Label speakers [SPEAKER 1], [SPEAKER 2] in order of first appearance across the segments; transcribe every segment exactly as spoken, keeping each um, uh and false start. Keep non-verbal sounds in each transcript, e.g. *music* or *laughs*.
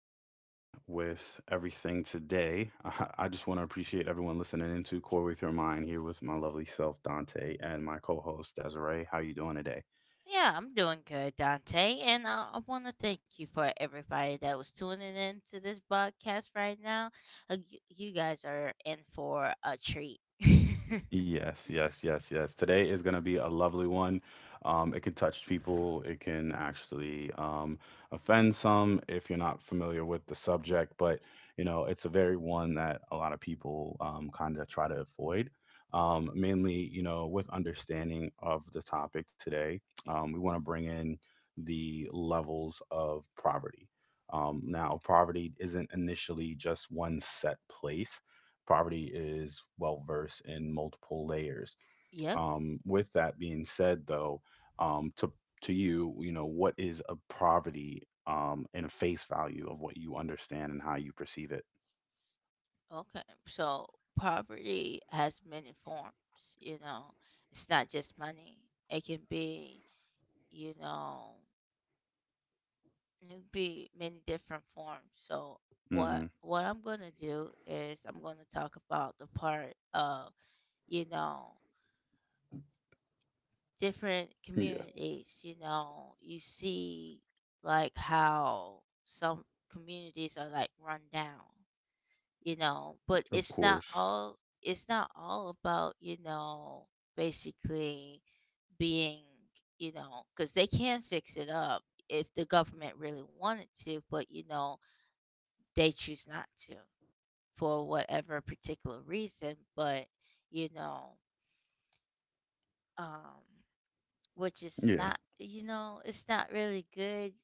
[SPEAKER 1] starting with everything today. *laughs* I I just want to appreciate everyone listening into Core With Your Mind here with my lovely self, Dante, and my co-host, Desiree. How you doing today?
[SPEAKER 2] Yeah, I'm doing good, Dante. And I, I want to thank you for everybody that was tuning in to this podcast right now. Uh, you, you guys are in for a treat.
[SPEAKER 1] Yes, yes, yes, yes. Today is going to be a lovely one. Um, it can touch people. It can actually um, offend some if you're not familiar with the subject. But you know, it's a very one that a lot of people um, kind of try to avoid. Um, mainly, you know, with understanding of the topic today, um, we want to bring in the levels of poverty. Um, now, poverty isn't initially just one set place. Poverty is well versed in multiple layers.
[SPEAKER 2] *laughs* Yep.
[SPEAKER 1] Um, with that being said, though, um, to to you, you know, what is a poverty um, in a face value of what you understand and how you perceive it?
[SPEAKER 2] Okay. So, poverty has many forms, you know, it's not just money. It can be, you know, it can be many different forms. So, what
[SPEAKER 1] Hmm.
[SPEAKER 2] what I'm going to do is I'm going to talk about the part of, you know, different
[SPEAKER 1] Yeah,
[SPEAKER 2] communities. You know, you see, like how some communities are like run down, you know, but
[SPEAKER 1] of
[SPEAKER 2] it's not
[SPEAKER 1] course.
[SPEAKER 2] all it's not all about, you know, basically being, you know, cuz they can fix it up if the government really wanted to. But you know, they choose not to for whatever particular reason, but you know, um which is
[SPEAKER 1] Yeah,
[SPEAKER 2] not, you know it's not really good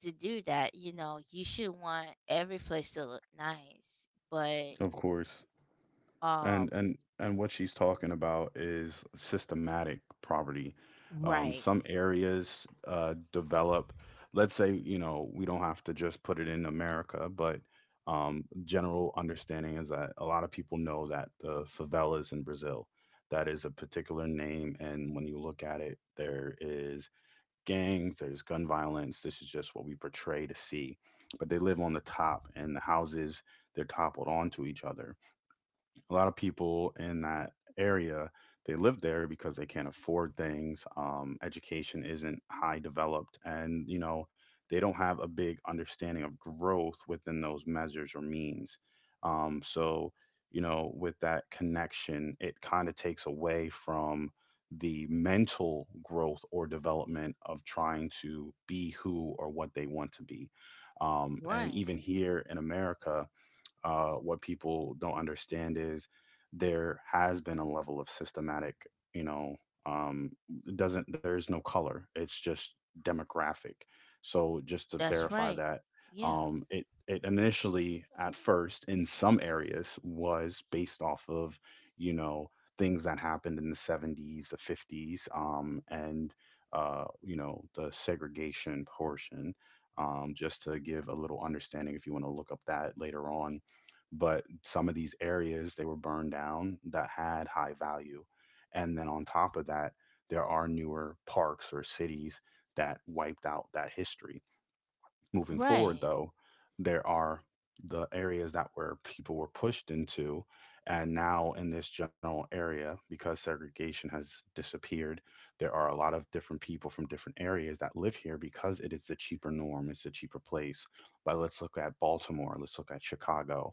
[SPEAKER 2] to do that. You know you should want every place to look nice, but
[SPEAKER 1] of course.
[SPEAKER 2] um
[SPEAKER 1] And and and what she's talking about is systematic poverty. Um,
[SPEAKER 2] right.
[SPEAKER 1] some areas uh, develop. Let's say you know we don't have to just put it in America, but um, general understanding is that a lot of people know that the favelas in Brazil, that is a particular name, and when you look at it, there is gangs, there's gun violence. This is just what we portray to see, but they live on the top, and the houses, they're toppled onto each other. A lot of people in that area, they live there because they can't afford things. Um, education isn't high developed, and you know they don't have a big understanding of growth within those measures or means. Um, so you know with that connection, it kind of takes away from the mental growth or development of trying to be who or what they want to be. Um, and
[SPEAKER 2] Right.
[SPEAKER 1] even here in America, uh, what people don't understand is there has been a level of systematic, you know, um, it doesn't there is no color. It's just demographic. So just to
[SPEAKER 2] That's
[SPEAKER 1] verify
[SPEAKER 2] right.
[SPEAKER 1] that,
[SPEAKER 2] Yeah.
[SPEAKER 1] um, it it initially at first in some areas was based off of, you know, things that happened in the seventies, the fifties, um, and uh, you know, the segregation portion. Um, just to give a little understanding if you want to look up that later on. But some of these areas, they were burned down that had high value. And then on top of that, there are newer parks or cities that wiped out that history. Moving forward
[SPEAKER 2] Right.
[SPEAKER 1] though, there are the areas that where people were pushed into. And now in this general area, because segregation has disappeared, there are a lot of different people from different areas that live here because it is the cheaper norm, it's a cheaper place. But let's look at Baltimore, let's look at Chicago,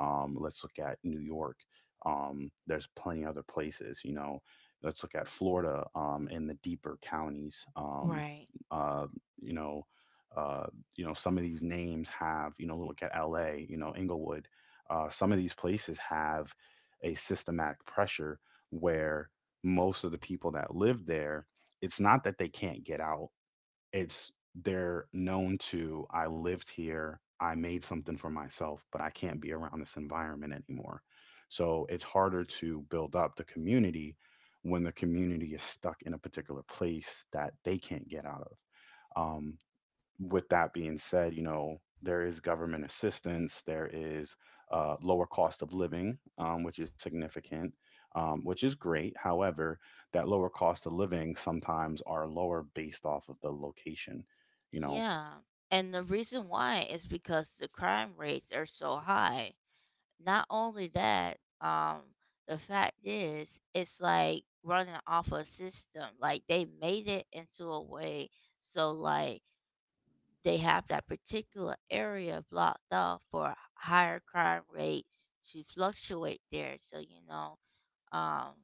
[SPEAKER 1] um, let's look at New York. Um, there's plenty of other places, you know. Let's look at Florida, um, in the deeper counties. um,
[SPEAKER 2] Right.
[SPEAKER 1] uh, you know uh, you know some of these names have, you know, look at LA, you know, Inglewood. Uh, some of these places have a systematic pressure, where most of the people that live there, it's not that they can't get out. It's, they're known to, I lived here, I made something for myself, but I can't be around this environment anymore. So it's harder to build up the community when the community is stuck in a particular place that they can't get out of. Um, with that being said, you know, there is government assistance, there is uh, lower cost of living, um, which is significant, um, which is great. However, that lower cost of living sometimes are lower based off of the location. You know,
[SPEAKER 2] Yeah. And the reason why is because the crime rates are so high. Not only that, um the fact is it's like running off a system, like they made it into a way, so like they have that particular area blocked off for higher crime rates to fluctuate there. So, you know, um,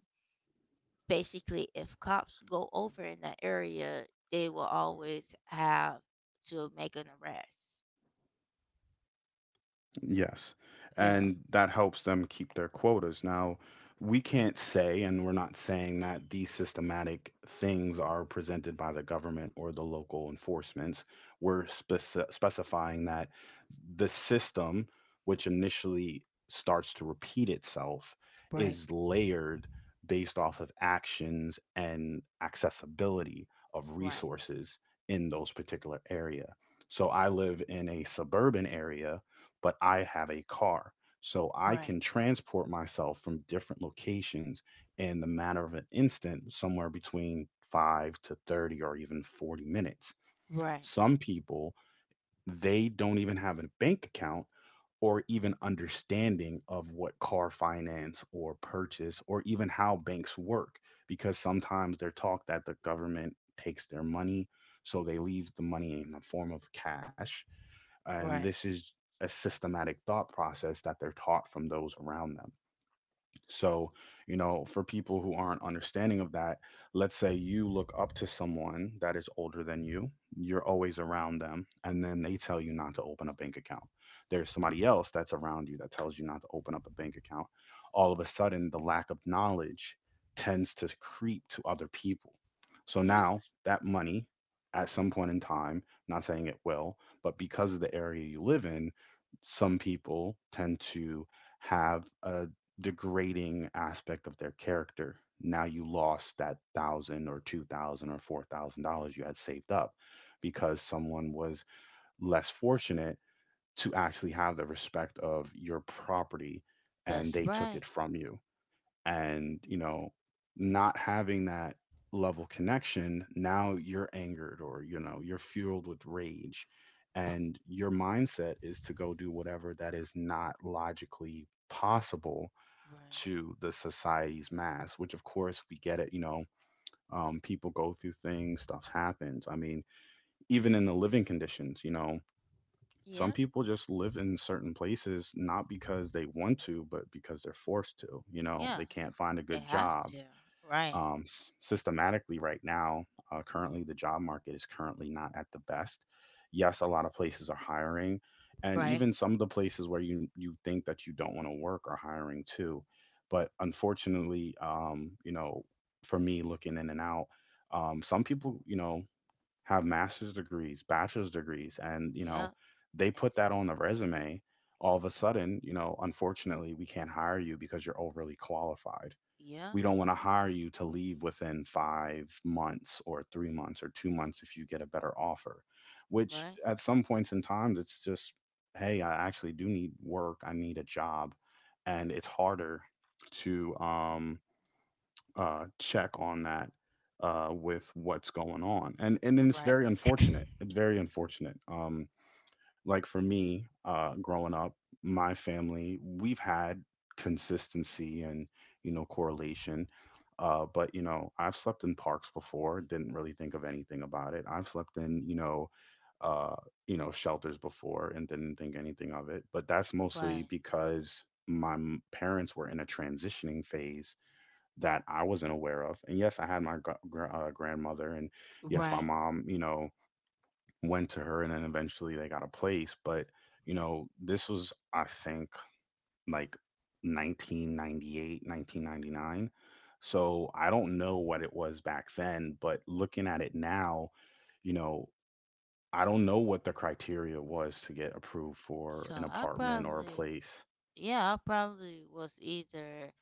[SPEAKER 2] basically, if cops go over in that area, they will always have to make an arrest.
[SPEAKER 1] Yes.
[SPEAKER 2] Yeah.
[SPEAKER 1] And that helps them keep their quotas. Now, we can't say, and we're not saying that these systematic things are presented by the government or the local enforcements. We're speci- specifying that the system, which initially starts to repeat itself,
[SPEAKER 2] Right.
[SPEAKER 1] is layered based off of actions and accessibility of
[SPEAKER 2] Right,
[SPEAKER 1] resources in those particular area. So I live in a suburban area but I have a car. So I
[SPEAKER 2] right,
[SPEAKER 1] can transport myself from different locations in the matter of an instant, somewhere between five to thirty or even forty minutes.
[SPEAKER 2] right,
[SPEAKER 1] Some people, they don't even have a bank account or even understanding of what car finance or purchase or even how banks work, because sometimes they're taught that the government takes their money, so they leave the money in the form of cash, and
[SPEAKER 2] right.
[SPEAKER 1] this is a systematic thought process that they're taught from those around them. So, you know, for people who aren't understanding of that, let's say you look up to someone that is older than you, you're always around them, and then they tell you not to open a bank account. There's somebody else that's around you that tells you not to open up a bank account. All of a sudden, the lack of knowledge tends to creep to other people. So
[SPEAKER 2] Yeah,
[SPEAKER 1] now that money, at some point in time, not saying it will, but because of the area you live in, some people tend to have a degrading aspect of their character. Now you lost that thousand or two thousand or four thousand dollars you had saved up because someone was less fortunate to actually have the respect of your property,
[SPEAKER 2] that's
[SPEAKER 1] and they took
[SPEAKER 2] right,
[SPEAKER 1] it from you. And, you know, not having that level connection, now you're angered, or, you know, you're fueled with rage. And your mindset is to go do whatever that is not logically possible
[SPEAKER 2] right.
[SPEAKER 1] to the society's mass, which of course we get it. You know, um, people go through things, stuff happens. I mean, even in the living conditions, you know, some
[SPEAKER 2] Yeah,
[SPEAKER 1] people just live in certain places not because they want to, but because they're forced to. You know,
[SPEAKER 2] yeah,
[SPEAKER 1] they can't find a
[SPEAKER 2] they
[SPEAKER 1] good
[SPEAKER 2] have
[SPEAKER 1] job
[SPEAKER 2] to, right,
[SPEAKER 1] um, s- systematically right now. Uh, currently, the job market is currently not at the best. Yes, a lot of places are hiring, and
[SPEAKER 2] right.
[SPEAKER 1] even some of the places where you you think that you don't want to work are hiring too. But unfortunately, um, you know, for me looking in and out, um, some people, you know, have master's degrees, bachelor's degrees, and you know,
[SPEAKER 2] Yeah,
[SPEAKER 1] they put
[SPEAKER 2] it's,
[SPEAKER 1] that on the resume. All of a sudden, you know, unfortunately, we can't hire you because you're overly qualified.
[SPEAKER 2] yeah,
[SPEAKER 1] We don't want to hire you to leave within five months or three months or two months if you get a better offer, which
[SPEAKER 2] right,
[SPEAKER 1] at some points in time it's just, hey, I actually do need work, I need a job. And it's harder to um, uh, check on that uh, with what's going on. And and then it's
[SPEAKER 2] right,
[SPEAKER 1] very unfortunate, it's very unfortunate. Um, like for me, uh, growing up, my family, we've had consistency and, you know, correlation. Uh, but, you know, I've slept in parks before, didn't really think of anything about it. I've slept in, you know, uh, you know, shelters before and didn't think anything of it. But that's mostly
[SPEAKER 2] right.
[SPEAKER 1] because my m- parents were in a transitioning phase that I wasn't aware of. And yes, I had my gr- gr- uh, grandmother, and yes, my
[SPEAKER 2] Right.
[SPEAKER 1] mom, you know, went to her, and then eventually they got a place. But you know this was, I think, like nineteen ninety-eight, nineteen ninety-nine. So I don't know what it was back then, but looking at it now, you know I don't know what the criteria was to get approved for
[SPEAKER 2] So
[SPEAKER 1] an
[SPEAKER 2] I
[SPEAKER 1] apartment or a
[SPEAKER 2] probably,
[SPEAKER 1] place.
[SPEAKER 2] yeah, I probably was either,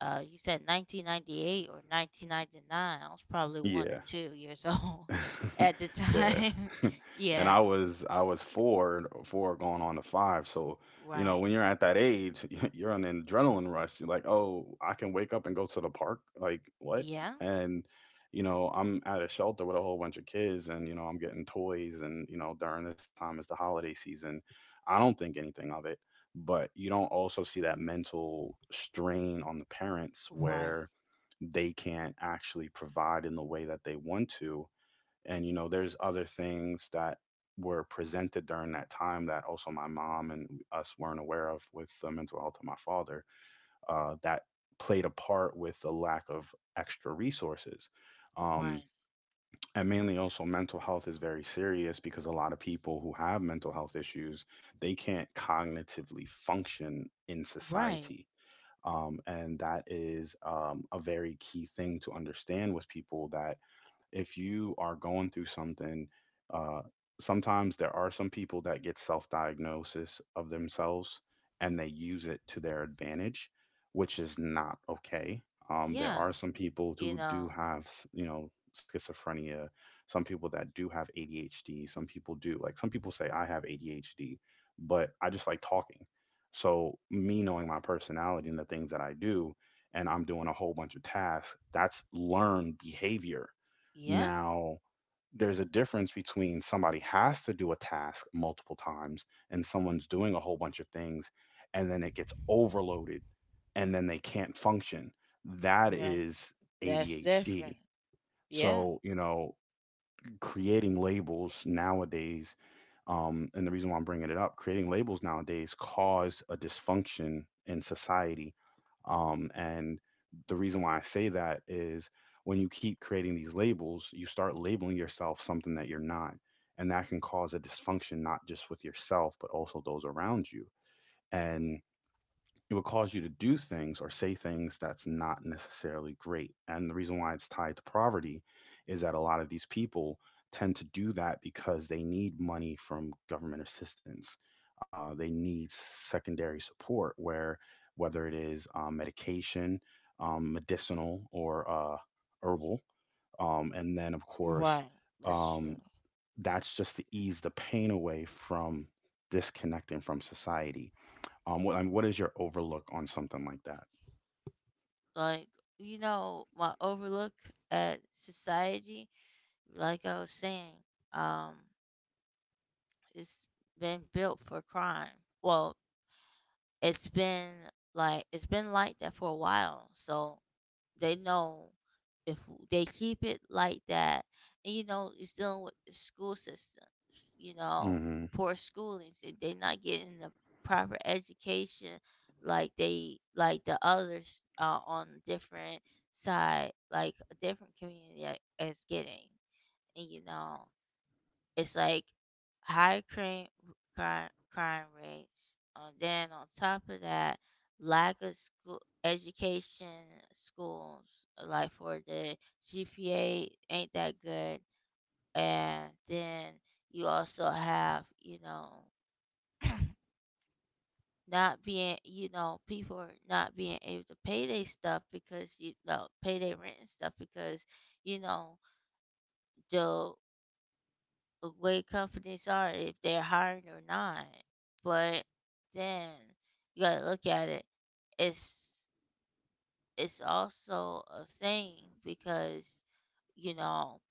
[SPEAKER 2] uh, you said nineteen ninety-eight or nineteen ninety-nine. I was probably one
[SPEAKER 1] Yeah.
[SPEAKER 2] or two years *laughs* old
[SPEAKER 1] *laughs*
[SPEAKER 2] at the
[SPEAKER 1] Yeah.
[SPEAKER 2] time.
[SPEAKER 1] *laughs*
[SPEAKER 2] *laughs*
[SPEAKER 1] And
[SPEAKER 2] Yeah.
[SPEAKER 1] I was I was four, four going on to five, so, you know,
[SPEAKER 2] Right.
[SPEAKER 1] when you're at that age, *laughs* you're on an adrenaline rush, you're like, "Oh, I can wake up and go to the park? Like, what?"
[SPEAKER 2] Yeah.
[SPEAKER 1] And, you know, I'm at a shelter with a whole bunch of kids, and, you know, I'm getting toys, and, you know, during this time it's the holiday season. I don't think anything of it, but you don't also see that mental strain on the parents
[SPEAKER 2] Right.
[SPEAKER 1] where they can't actually provide in the way that they want to, and you know there's other things that were presented during that time that also my mom and us weren't aware of with the mental health of my father, uh, that played a part with the lack of extra resources. um,
[SPEAKER 2] Right.
[SPEAKER 1] and mainly, also, mental health is very serious because a lot of people who have mental health issues, they can't cognitively function in
[SPEAKER 2] Right.
[SPEAKER 1] society. Um, and that is um, a very key thing to understand with people that if you are going through something, uh, sometimes there are some people that get self diagnosis of themselves, and they use it to their advantage, which is not okay. Um, there
[SPEAKER 2] Yeah.
[SPEAKER 1] are some people
[SPEAKER 2] You
[SPEAKER 1] who
[SPEAKER 2] know,
[SPEAKER 1] do have, s- you know, schizophrenia, some people that do have A D H D, some people do. Like some people say, I have A D H D, but I just like talking. So, me knowing my personality and the things that I do, and I'm doing a whole bunch of tasks, that's learned behavior.
[SPEAKER 2] yeah.
[SPEAKER 1] Now, there's a difference between somebody has to do a task multiple times and someone's doing a whole bunch of things and then it gets overloaded and then they can't function. That
[SPEAKER 2] Right.
[SPEAKER 1] is
[SPEAKER 2] That's different.
[SPEAKER 1] A D H D.
[SPEAKER 2] Yeah.
[SPEAKER 1] So, you know, creating labels nowadays um, and the reason why I'm bringing it up, creating labels nowadays cause a dysfunction in society. Um, and the reason why I say that is when you keep creating these labels, you start labeling yourself something that you're not. And that can cause a dysfunction, not just with yourself, but also those around you. And it will cause you to do things or say things that's not necessarily great. And the reason why it's tied to poverty is that a lot of these people tend to do that because they need money from government assistance. Uh, they need secondary support, where whether it is um, medication, um, medicinal, or uh, herbal. Um, and then, of course,
[SPEAKER 2] Right. That's true.
[SPEAKER 1] um, that's just to ease the pain away from disconnecting from society. Um, what I mean, what is your overlook on something like that?
[SPEAKER 2] Like, you know, my overlook at society, like I was saying, um, it's been built for crime. Well, it's been like it's been like that for a while, so they know, if w- they keep it like that. And you know, it's dealing with the school systems, you know,
[SPEAKER 1] Mm-hmm.
[SPEAKER 2] poor schooling, so they're not getting the proper education like they, like the others, uh, on different side, like a different community a- is getting, and you know. It's like high crime, crime, crime rates. And then on top of that, lack of school education, schools, uh, like for the G P A ain't that good. And then you also have, you know, *clears throat* not being, you know, people are not being able to pay their stuff, because you know, pay their rent and stuff, because you know the way companies are if they're hiring or not. But then you gotta look at it. It's it's also a thing, because you know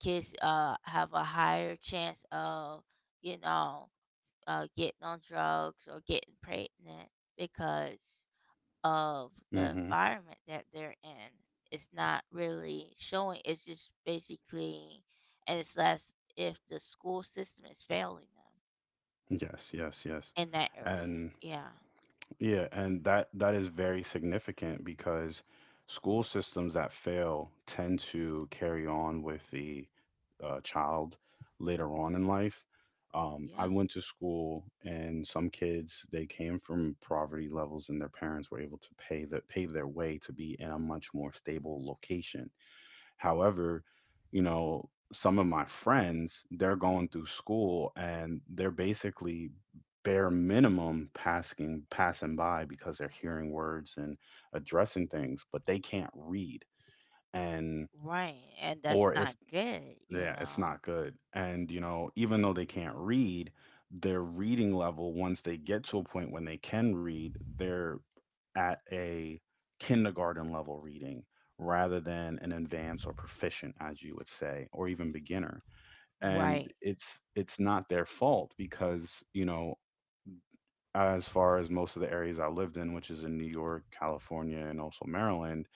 [SPEAKER 2] kids uh have a higher chance of, you know uh getting on drugs or getting pregnant because of the
[SPEAKER 1] Mm-hmm.
[SPEAKER 2] environment that they're in. It's not really showing. It's just basically, and it's less if the school system is failing
[SPEAKER 1] Yes, yes, yes.
[SPEAKER 2] them in that area.
[SPEAKER 1] And
[SPEAKER 2] Yeah,
[SPEAKER 1] yeah, and that that is very significant because school systems that fail tend to carry on with the uh, child later on in life. Um, I
[SPEAKER 2] yeah,
[SPEAKER 1] went to school, and some kids they came from poverty levels, and their parents were able to pay the pay their way to be in a much more stable location. However, you know, some of my friends, they're going through school and they're basically bare minimum passing passing by because they're hearing words and addressing things, but they can't read. And
[SPEAKER 2] right. And that's
[SPEAKER 1] or if
[SPEAKER 2] not good, you
[SPEAKER 1] Yeah, it's
[SPEAKER 2] know.
[SPEAKER 1] not good. And, you know, even though they can't read, their reading level, once they get to a point when they can read, they're at a kindergarten level reading rather than an advanced or proficient, as you would say, or even beginner. And
[SPEAKER 2] Right,
[SPEAKER 1] it's it's not their fault because, you know, as far as most of the areas I lived in, which is in New York, California, and also Maryland,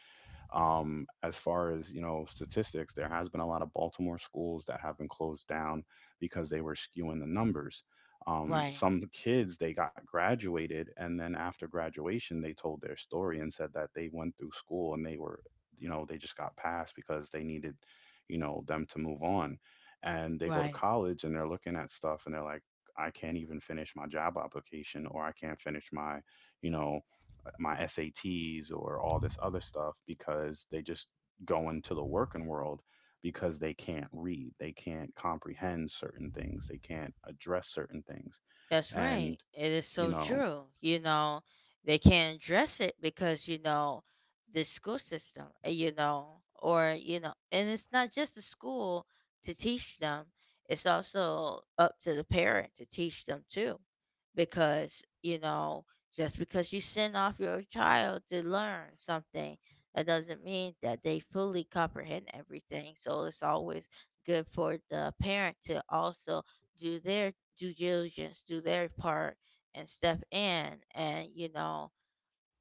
[SPEAKER 1] um, as far as you know, statistics, there has been a lot of Baltimore schools that have been closed down because they were skewing the numbers. Um,
[SPEAKER 2] right,
[SPEAKER 1] some kids they got graduated, and then after graduation, they told their story and said that they went through school and they were, you know, they just got passed because they needed, you know, them to move on. And they go to
[SPEAKER 2] right.
[SPEAKER 1] college and they're looking at stuff and they're like, I can't even finish my job application or I can't finish my, you know, my S A Ts or all this other stuff because they just go into the working world because they can't read, they can't comprehend certain things, they can't address certain things,
[SPEAKER 2] That's right.
[SPEAKER 1] and
[SPEAKER 2] It is
[SPEAKER 1] you
[SPEAKER 2] so
[SPEAKER 1] know.
[SPEAKER 2] true. You know, they can't address it because, you know, the school system, uh, you know, or, you know, and it's not just the school to teach them, it's also up to the parent to teach them too. Because, you know, just because you send off your child to learn something, that doesn't mean that they fully comprehend everything. So it's always good for the parent to also do their due diligence, do their part, and step in and you know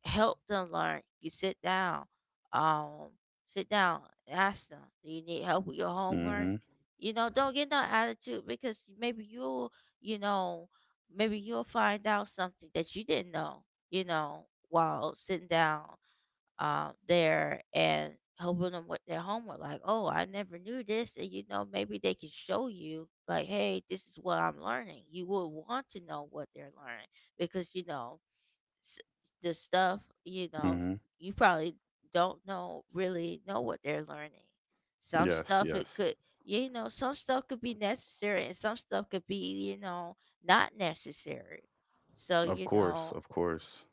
[SPEAKER 2] help them learn. You sit down, um, sit down, ask them, do you need help with your homework?
[SPEAKER 1] Hmm.
[SPEAKER 2] You know, don't get no attitude, because maybe you'll, you know, maybe you'll find out something that you didn't know, you know, while sitting down, um, there and helping them with their homework. Like, oh, I never knew this. And, you know, maybe they can show you, like, hey, this is what I'm learning. You will want to know what they're learning, because, you know, s- the stuff, you know,
[SPEAKER 1] Hmm.
[SPEAKER 2] you probably don't know really know what they're learning. Some
[SPEAKER 1] Yes,
[SPEAKER 2] stuff it
[SPEAKER 1] yes.
[SPEAKER 2] could, you know, some stuff could be necessary, and some stuff could be, you know, not necessary. So,
[SPEAKER 1] Of
[SPEAKER 2] you
[SPEAKER 1] course,
[SPEAKER 2] know,
[SPEAKER 1] of course.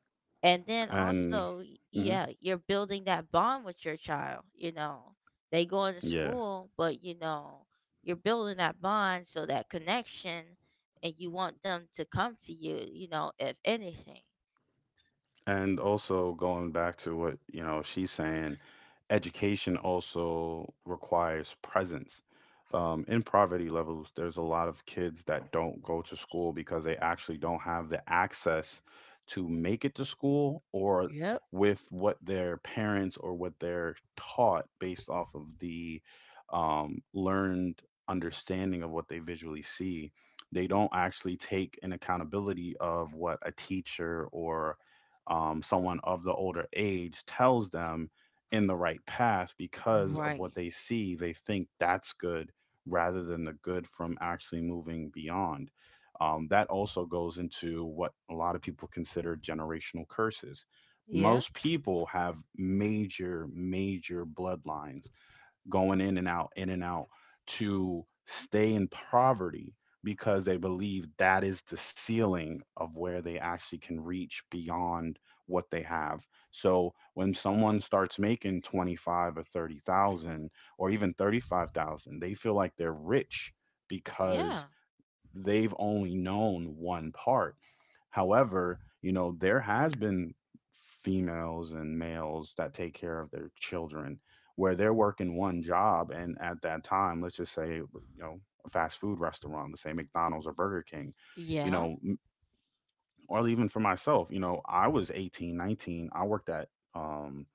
[SPEAKER 2] and then
[SPEAKER 1] And
[SPEAKER 2] also, y-
[SPEAKER 1] hmm,
[SPEAKER 2] yeah, you're building that bond with your child. You know they go into
[SPEAKER 1] yeah,
[SPEAKER 2] school, but you know you're building that bond, so that connection, and you want them to come to you, you know if anything.
[SPEAKER 1] and also going back to what you know she's saying, education also requires presence. Um, in poverty levels, there's a lot of kids that don't go to school because they actually don't have the access to make it to school or
[SPEAKER 2] Yep.
[SPEAKER 1] with what their parents or what they're taught based off of the um, learned understanding of what they visually see. They don't actually take an accountability of what a teacher or um, someone of the older age tells them in the right path because of
[SPEAKER 2] Right.
[SPEAKER 1] what they see. They think that's good rather than the good from actually moving beyond. Um, that also goes into what a lot of people consider generational curses.
[SPEAKER 2] Yeah,
[SPEAKER 1] Most people have major, major bloodlines going in and out, in and out, to stay in poverty because they believe that is the ceiling of where they actually can reach beyond what they have. So when someone starts making twenty-five or thirty thousand or even thirty-five thousand, they feel like they're rich because
[SPEAKER 2] yeah,
[SPEAKER 1] they've only known one part. However, you know, there has been females and males that take care of their children where they're working one job and at that time, let's just say, you know, a fast food restaurant, let's say McDonald's or Burger King, you
[SPEAKER 2] yeah.
[SPEAKER 1] know, m- or even for myself, you know, I was eighteen, nineteen, I worked at um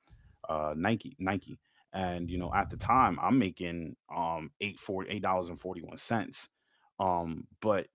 [SPEAKER 1] uh, Nike, Nike. And you know, at the time, I'm making um eight forty eight dollars and forty one cents. Um, but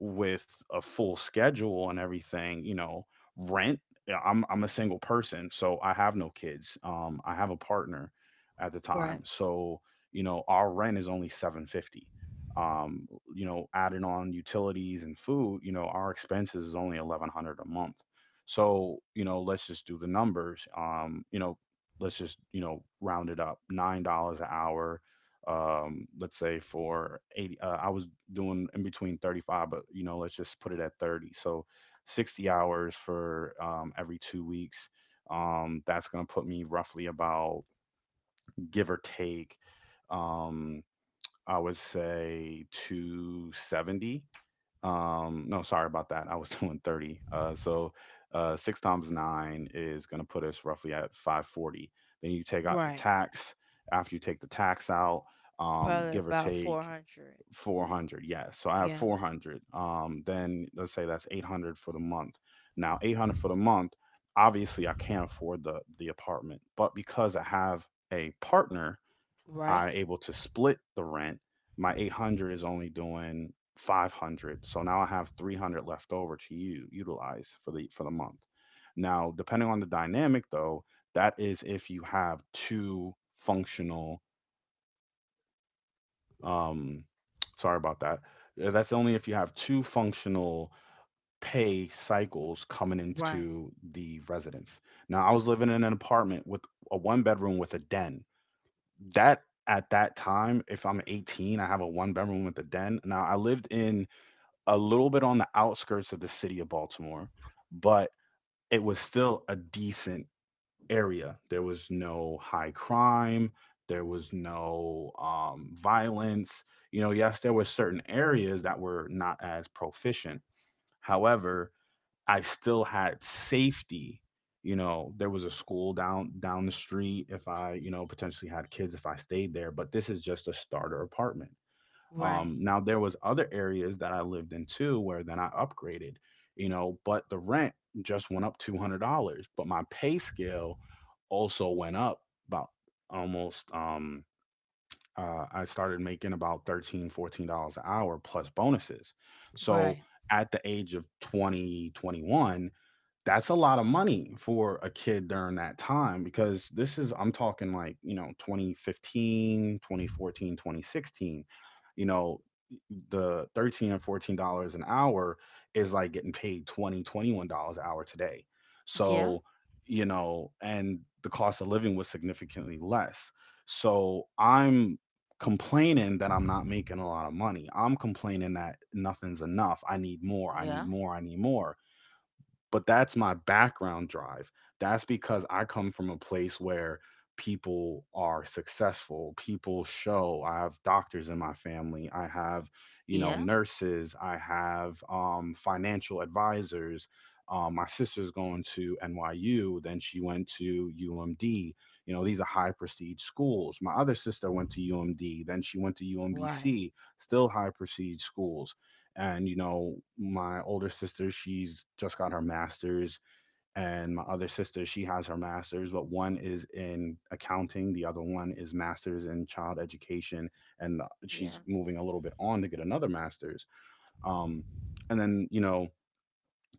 [SPEAKER 1] with a full schedule and everything, you know, rent. Yeah, I'm I'm a single person, so I have no kids. Um, I have a partner at the
[SPEAKER 2] Right.
[SPEAKER 1] time, so you know, our rent is only seven fifty. Um, you know, adding on utilities and food, you know, our expenses is only eleven hundred a month. So, you know, let's just do the numbers. Um, you know, let's just you know round it up nine dollars an hour, um let's say for eighty, uh, I was doing in between thirty-five, but you know let's just put it at thirty. So sixty hours for, um, every two weeks, um that's going to put me roughly about, give or take, um I would say two seventy. Um, no, sorry about that. I was *laughs* doing thirty. Uh, so uh, six times nine is going to put us roughly at five forty. Then you take out the
[SPEAKER 2] Right.
[SPEAKER 1] tax. After you take the tax out, um,
[SPEAKER 2] Probably
[SPEAKER 1] give or
[SPEAKER 2] about
[SPEAKER 1] take
[SPEAKER 2] four hundred.
[SPEAKER 1] four hundred. Yes. So I have
[SPEAKER 2] Yeah.
[SPEAKER 1] four hundred. Um, then let's say that's eight hundred for the month. Now, eight hundred for the month, obviously I can't afford the, the apartment, but because I have a partner,
[SPEAKER 2] Right.
[SPEAKER 1] are able to split the rent. My eight hundred is only doing five hundred, so now I have three hundred left over to u- utilize for the for the month. Now, depending on the dynamic, though, that is if you have two functional. Um, Sorry about that. Uh, That's only if you have two functional pay cycles coming
[SPEAKER 2] Right.
[SPEAKER 1] into the residence. Now, I was living in an apartment with a one bedroom with a den that at that time, if I'm eighteen, I have a one bedroom with a den. Now, I lived in a little bit on the outskirts of the city of Baltimore, but it was still a decent area. There was no high crime, there was no um, violence. You know, yes, there were certain areas that were not as proficient. However, I still had safety. You know, there was a school down down the street if I, you know, potentially had kids if I stayed there, but this is just a starter apartment. Um
[SPEAKER 2] Right.
[SPEAKER 1] now there was other areas that I lived in too where then I upgraded, you know, but the rent just went up two hundred dollars but my pay scale also went up about almost um uh, I started making about thirteen, fourteen dollars an hour plus bonuses. So
[SPEAKER 2] Right.
[SPEAKER 1] at the age of twenty, twenty one, that's a lot of money for a kid during that time because this is I'm talking like you know twenty fifteen, twenty fourteen, twenty sixteen. You know, the thirteen and fourteen dollars an hour is like getting paid twenty, twenty-one dollars an hour today.
[SPEAKER 2] Yeah,
[SPEAKER 1] So you know, and the cost of living was significantly less, so I'm complaining that I'm not making a lot of money, I'm complaining that nothing's enough, I need more, I need
[SPEAKER 2] yeah,
[SPEAKER 1] more, I need more. But that's my background drive. That's because I come from a place where people are successful. People show. I have doctors in my family. I have, you know,
[SPEAKER 2] yeah.
[SPEAKER 1] nurses. I have um, financial advisors. Um, my sister's going to N Y U. Then she went to U M D. You know, these are high prestige schools. My other sister went to U M D. Then she went to
[SPEAKER 2] Right.
[SPEAKER 1] U M B C, still high prestige schools. And, you know, my older sister, she's just got her master's, and my other sister, she has her master's, but one is in accounting, the other one is master's in child education, and she's
[SPEAKER 2] Yeah,
[SPEAKER 1] moving a little bit on to get another master's. Um, and then, you know,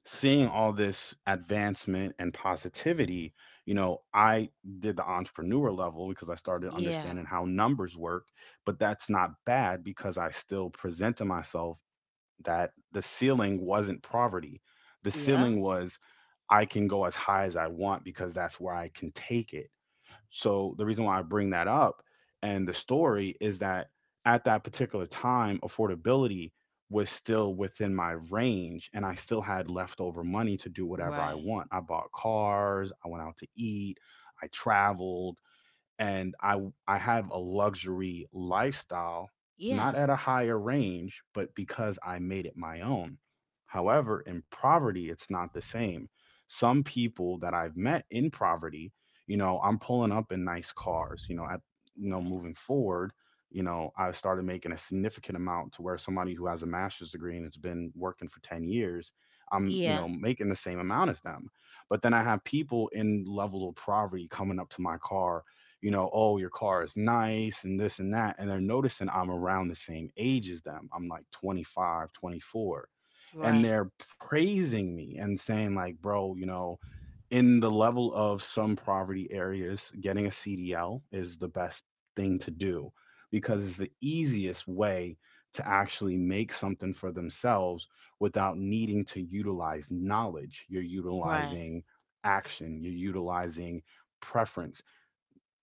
[SPEAKER 1] seeing all this advancement and positivity, you know, I did the entrepreneur level because I started
[SPEAKER 2] yeah,
[SPEAKER 1] understanding how numbers work, but that's not bad because I still presented myself that the ceiling wasn't poverty. The
[SPEAKER 2] yeah.
[SPEAKER 1] ceiling was I can go as high as I want because that's where I can take it. So the reason why I bring that up and the story is that at that particular time, affordability was still within my range and I still had leftover money to do whatever I
[SPEAKER 2] Right.
[SPEAKER 1] want. I bought cars, I went out to eat, I traveled, and I I have a luxury lifestyle, not
[SPEAKER 2] Yeah.
[SPEAKER 1] at a higher range, but because I made it my own. However, in poverty, it's not the same. Some people that I've met in poverty, you know, I'm pulling up in nice cars. You know, at you know,
[SPEAKER 2] Right.
[SPEAKER 1] moving forward, you know, I've started making a significant amount to where somebody who has a master's degree and has been working for ten years, I'm, you know,
[SPEAKER 2] Yeah.
[SPEAKER 1] making the same amount as them. But then I have people in level of poverty coming up to my car, you know, oh, your car is nice and this and that. And they're noticing I'm around the same age as them. I'm like twenty-five, twenty-four. And
[SPEAKER 2] Right.
[SPEAKER 1] they're praising me and saying, like, bro, you know, in the level of some poverty areas, getting a C D L is the best thing to do because it's the easiest way to actually make something for themselves without needing to utilize knowledge. You're
[SPEAKER 2] Right.
[SPEAKER 1] utilizing action, you're utilizing preference.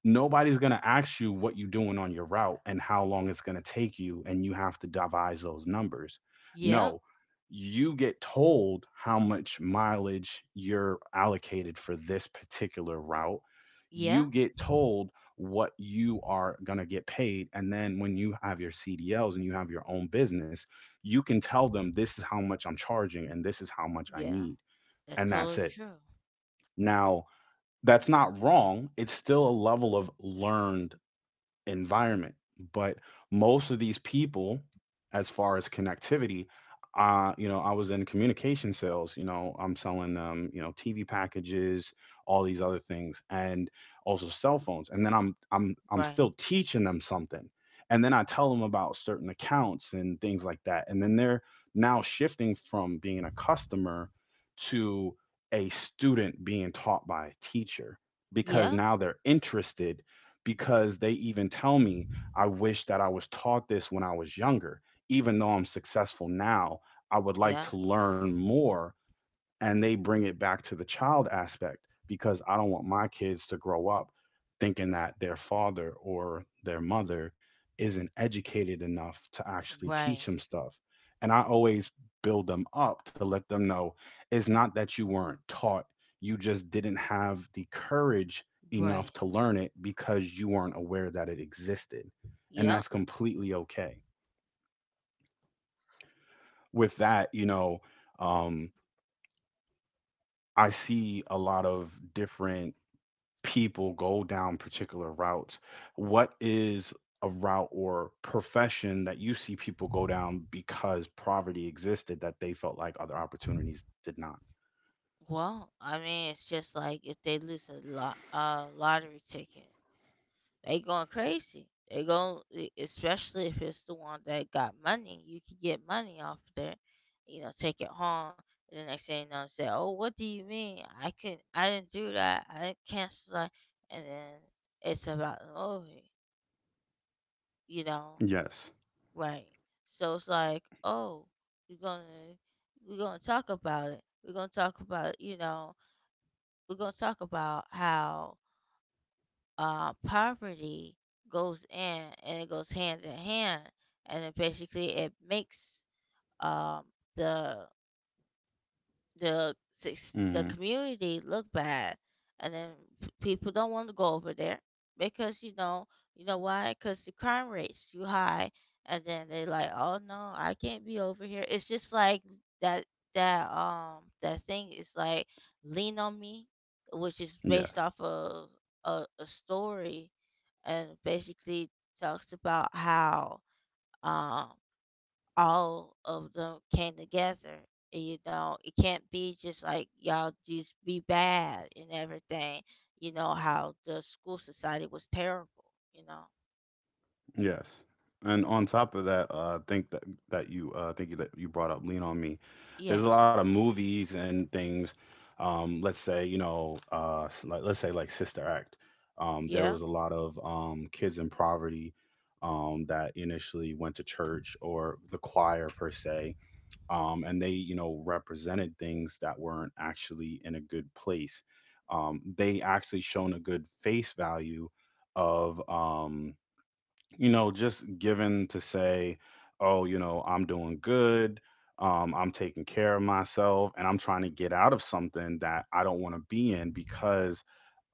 [SPEAKER 1] Nobody's going to ask you what you're doing on your route and how long it's going to take you and you have to devise those numbers.
[SPEAKER 2] Yeah.
[SPEAKER 1] No, you get told how much mileage you're allocated for this particular route.
[SPEAKER 2] Yeah.
[SPEAKER 1] You get told what you are going to get paid, and then when you have your C D Ls and you have your own business you can tell them this is how much I'm charging and this is how much I
[SPEAKER 2] Yeah.
[SPEAKER 1] need,
[SPEAKER 2] That's
[SPEAKER 1] and that's
[SPEAKER 2] totally
[SPEAKER 1] it.
[SPEAKER 2] true.
[SPEAKER 1] Now, that's not wrong, it's still a level of learned environment. But most of these people, as far as connectivity, uh, you know, I was in communication sales. You know, I'm selling um, you know, T V packages, all these other things, and also cell phones. And then I'm I'm I'm
[SPEAKER 2] Right.
[SPEAKER 1] still teaching them something. And then I tell them about certain accounts and things like that. And then they're now shifting from being a customer to a student being taught by a teacher because
[SPEAKER 2] Yeah.
[SPEAKER 1] now they're interested because they even tell me, I wish that I was taught this when I was younger. Even though I'm successful now, I would like
[SPEAKER 2] Yeah.
[SPEAKER 1] to learn more, and they bring it back to the child aspect because I don't want my kids to grow up thinking that their father or their mother isn't educated enough to actually teach
[SPEAKER 2] Right.
[SPEAKER 1] them stuff. And I always build them up to let them know it's not that you weren't taught, you just didn't have the courage
[SPEAKER 2] Right.
[SPEAKER 1] enough to learn it because you weren't aware that it existed. And
[SPEAKER 2] Yeah.
[SPEAKER 1] that's completely okay. With that, you know, um, I see a lot of different people go down particular routes. What is a route or profession that you see people go down because poverty existed that they felt like other opportunities did not?
[SPEAKER 2] Well, I mean, it's just like if they lose a lot, uh, lottery ticket. They going crazy. They go especially if it's the one that got money. You can get money off there, you know, take it home. And the next thing you know, say, "Oh, what do you mean? I can I didn't do that. I didn't cancel that." And then it's about the movie, you know,
[SPEAKER 1] Yes.
[SPEAKER 2] right? So it's like, "Oh, we are gonna we're gonna talk about it. We're gonna talk about, you know we're gonna talk about how, uh, poverty goes in and it goes hand in hand, and it basically it makes, um, the the sus- the
[SPEAKER 1] Hmm.
[SPEAKER 2] community look bad. And then, p- people don't want to go over there, because you know you know why? Because the crime rate's too high, and then they like, oh no, I can't be over here. It's just like that that um that thing is like Lean on Me, which is based
[SPEAKER 1] Yes.
[SPEAKER 2] off of a, a story, and basically talks about how, um, all of them came together. And, you know, it can't be just like y'all just be bad and everything. You know how the school society was terrible. You know.
[SPEAKER 1] Yes. And on top of that, uh, I think that that you uh, think that you brought up Lean on Me. There's a lot
[SPEAKER 2] Yes.
[SPEAKER 1] of movies and things. Um, let's say you know, uh, s- like, let's say like Sister Act. Um, there
[SPEAKER 2] Yeah.
[SPEAKER 1] was a lot of um, kids in poverty, um, that initially went to church or the choir per se, um, and they you know represented things that weren't actually in a good place. Um, they actually shown a good face value of. Um, you know, just given to say, oh, you know, I'm doing good, um, I'm taking care of myself, and I'm trying to get out of something that I don't want to be in because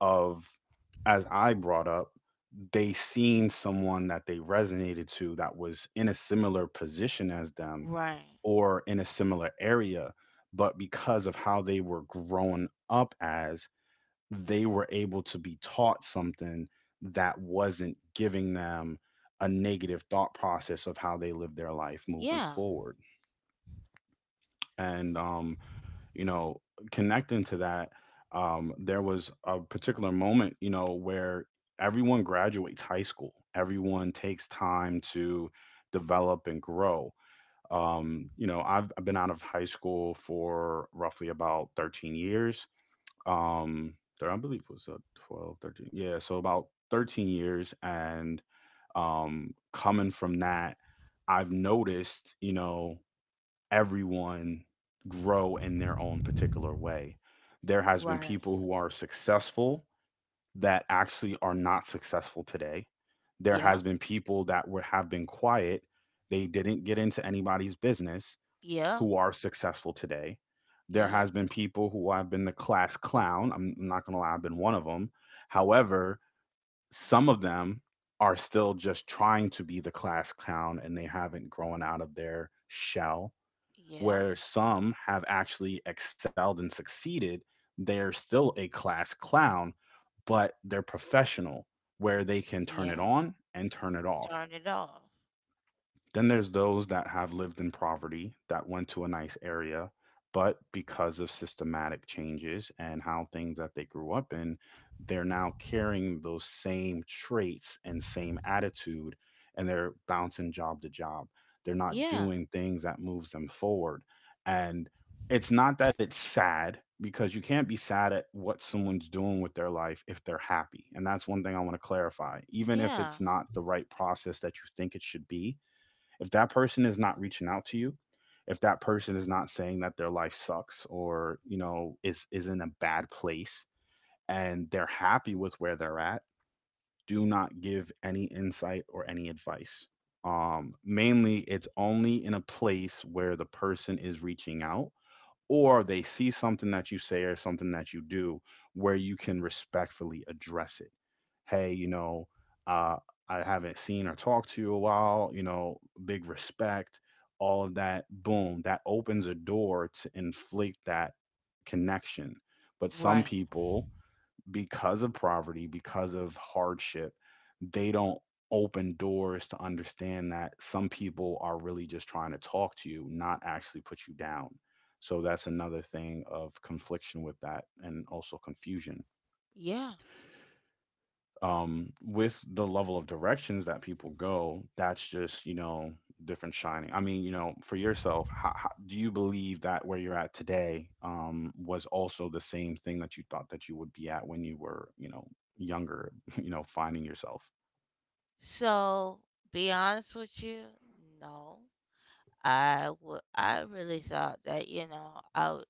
[SPEAKER 1] of, as I brought up, they seen someone that they resonated to that was in a similar position as them
[SPEAKER 2] Right.
[SPEAKER 1] or in a similar area. But because of how they were grown up as, they were able to be taught something that wasn't giving them a negative thought process of how they live their life moving
[SPEAKER 2] Yeah.
[SPEAKER 1] forward. And, um, you know, connecting to that, um, there was a particular moment, you know, where everyone graduates high school, everyone takes time to develop and grow. Um, you know, I've, I've been out of high school for roughly about thirteen years, um thir- I believe it was uh, twelve, thirteen, yeah, so about thirteen years. And um coming from that i've noticed you know everyone grow in their own particular way. There has been people
[SPEAKER 2] Right.
[SPEAKER 1] who are successful that actually are not successful today. There
[SPEAKER 2] Yeah.
[SPEAKER 1] has been people that were have been quiet, they didn't get into anybody's business,
[SPEAKER 2] Yeah.
[SPEAKER 1] who are successful today. There
[SPEAKER 2] Yeah.
[SPEAKER 1] has been people who have been the class clown. I'm not going to lie, I've been one of them. However, some of them are still just trying to be the class clown and they haven't grown out of their shell.
[SPEAKER 2] Yeah.
[SPEAKER 1] Where some have actually excelled and succeeded, they're still a class clown, but they're professional where they can turn it
[SPEAKER 2] Yeah.
[SPEAKER 1] on and turn it off.
[SPEAKER 2] Turn it off.
[SPEAKER 1] Then there's those that have lived in poverty that went to a nice area, but because of systematic changes and how things that they grew up in, they're now carrying those same traits and same attitude and they're bouncing job to job. They're not
[SPEAKER 2] Yeah.
[SPEAKER 1] doing things that moves them forward. And it's not that it's sad because you can't be sad at what someone's doing with their life if they're happy. And that's one thing I want to clarify. Even if
[SPEAKER 2] Yeah.
[SPEAKER 1] it's not the right process that you think it should be, if that person is not reaching out to you, if that person is not saying that their life sucks or, you know, is is in a bad place and they're happy with where they're at, do not give any insight or any advice. Um, mainly it's only in a place where the person is reaching out or they see something that you say or something that you do where you can respectfully address it. Hey, you know, uh, I haven't seen or talked to you a while, you know, big respect, all of that. Boom, that opens a door to inflict that connection. But some
[SPEAKER 2] Right.
[SPEAKER 1] people, because of poverty, because of hardship, they don't open doors to understand that some people are really just trying to talk to you, not actually put you down. So that's another thing of confliction with that and also confusion
[SPEAKER 2] Yeah.
[SPEAKER 1] um with the level of directions that people go that's just you know different shining. I mean, you know for yourself, how, how do you believe that where you're at today um was also the same thing that you thought that you would be at when you were, you know younger, *laughs* you know finding yourself?
[SPEAKER 2] So, be honest with you, no. I would I really thought that, you know, I would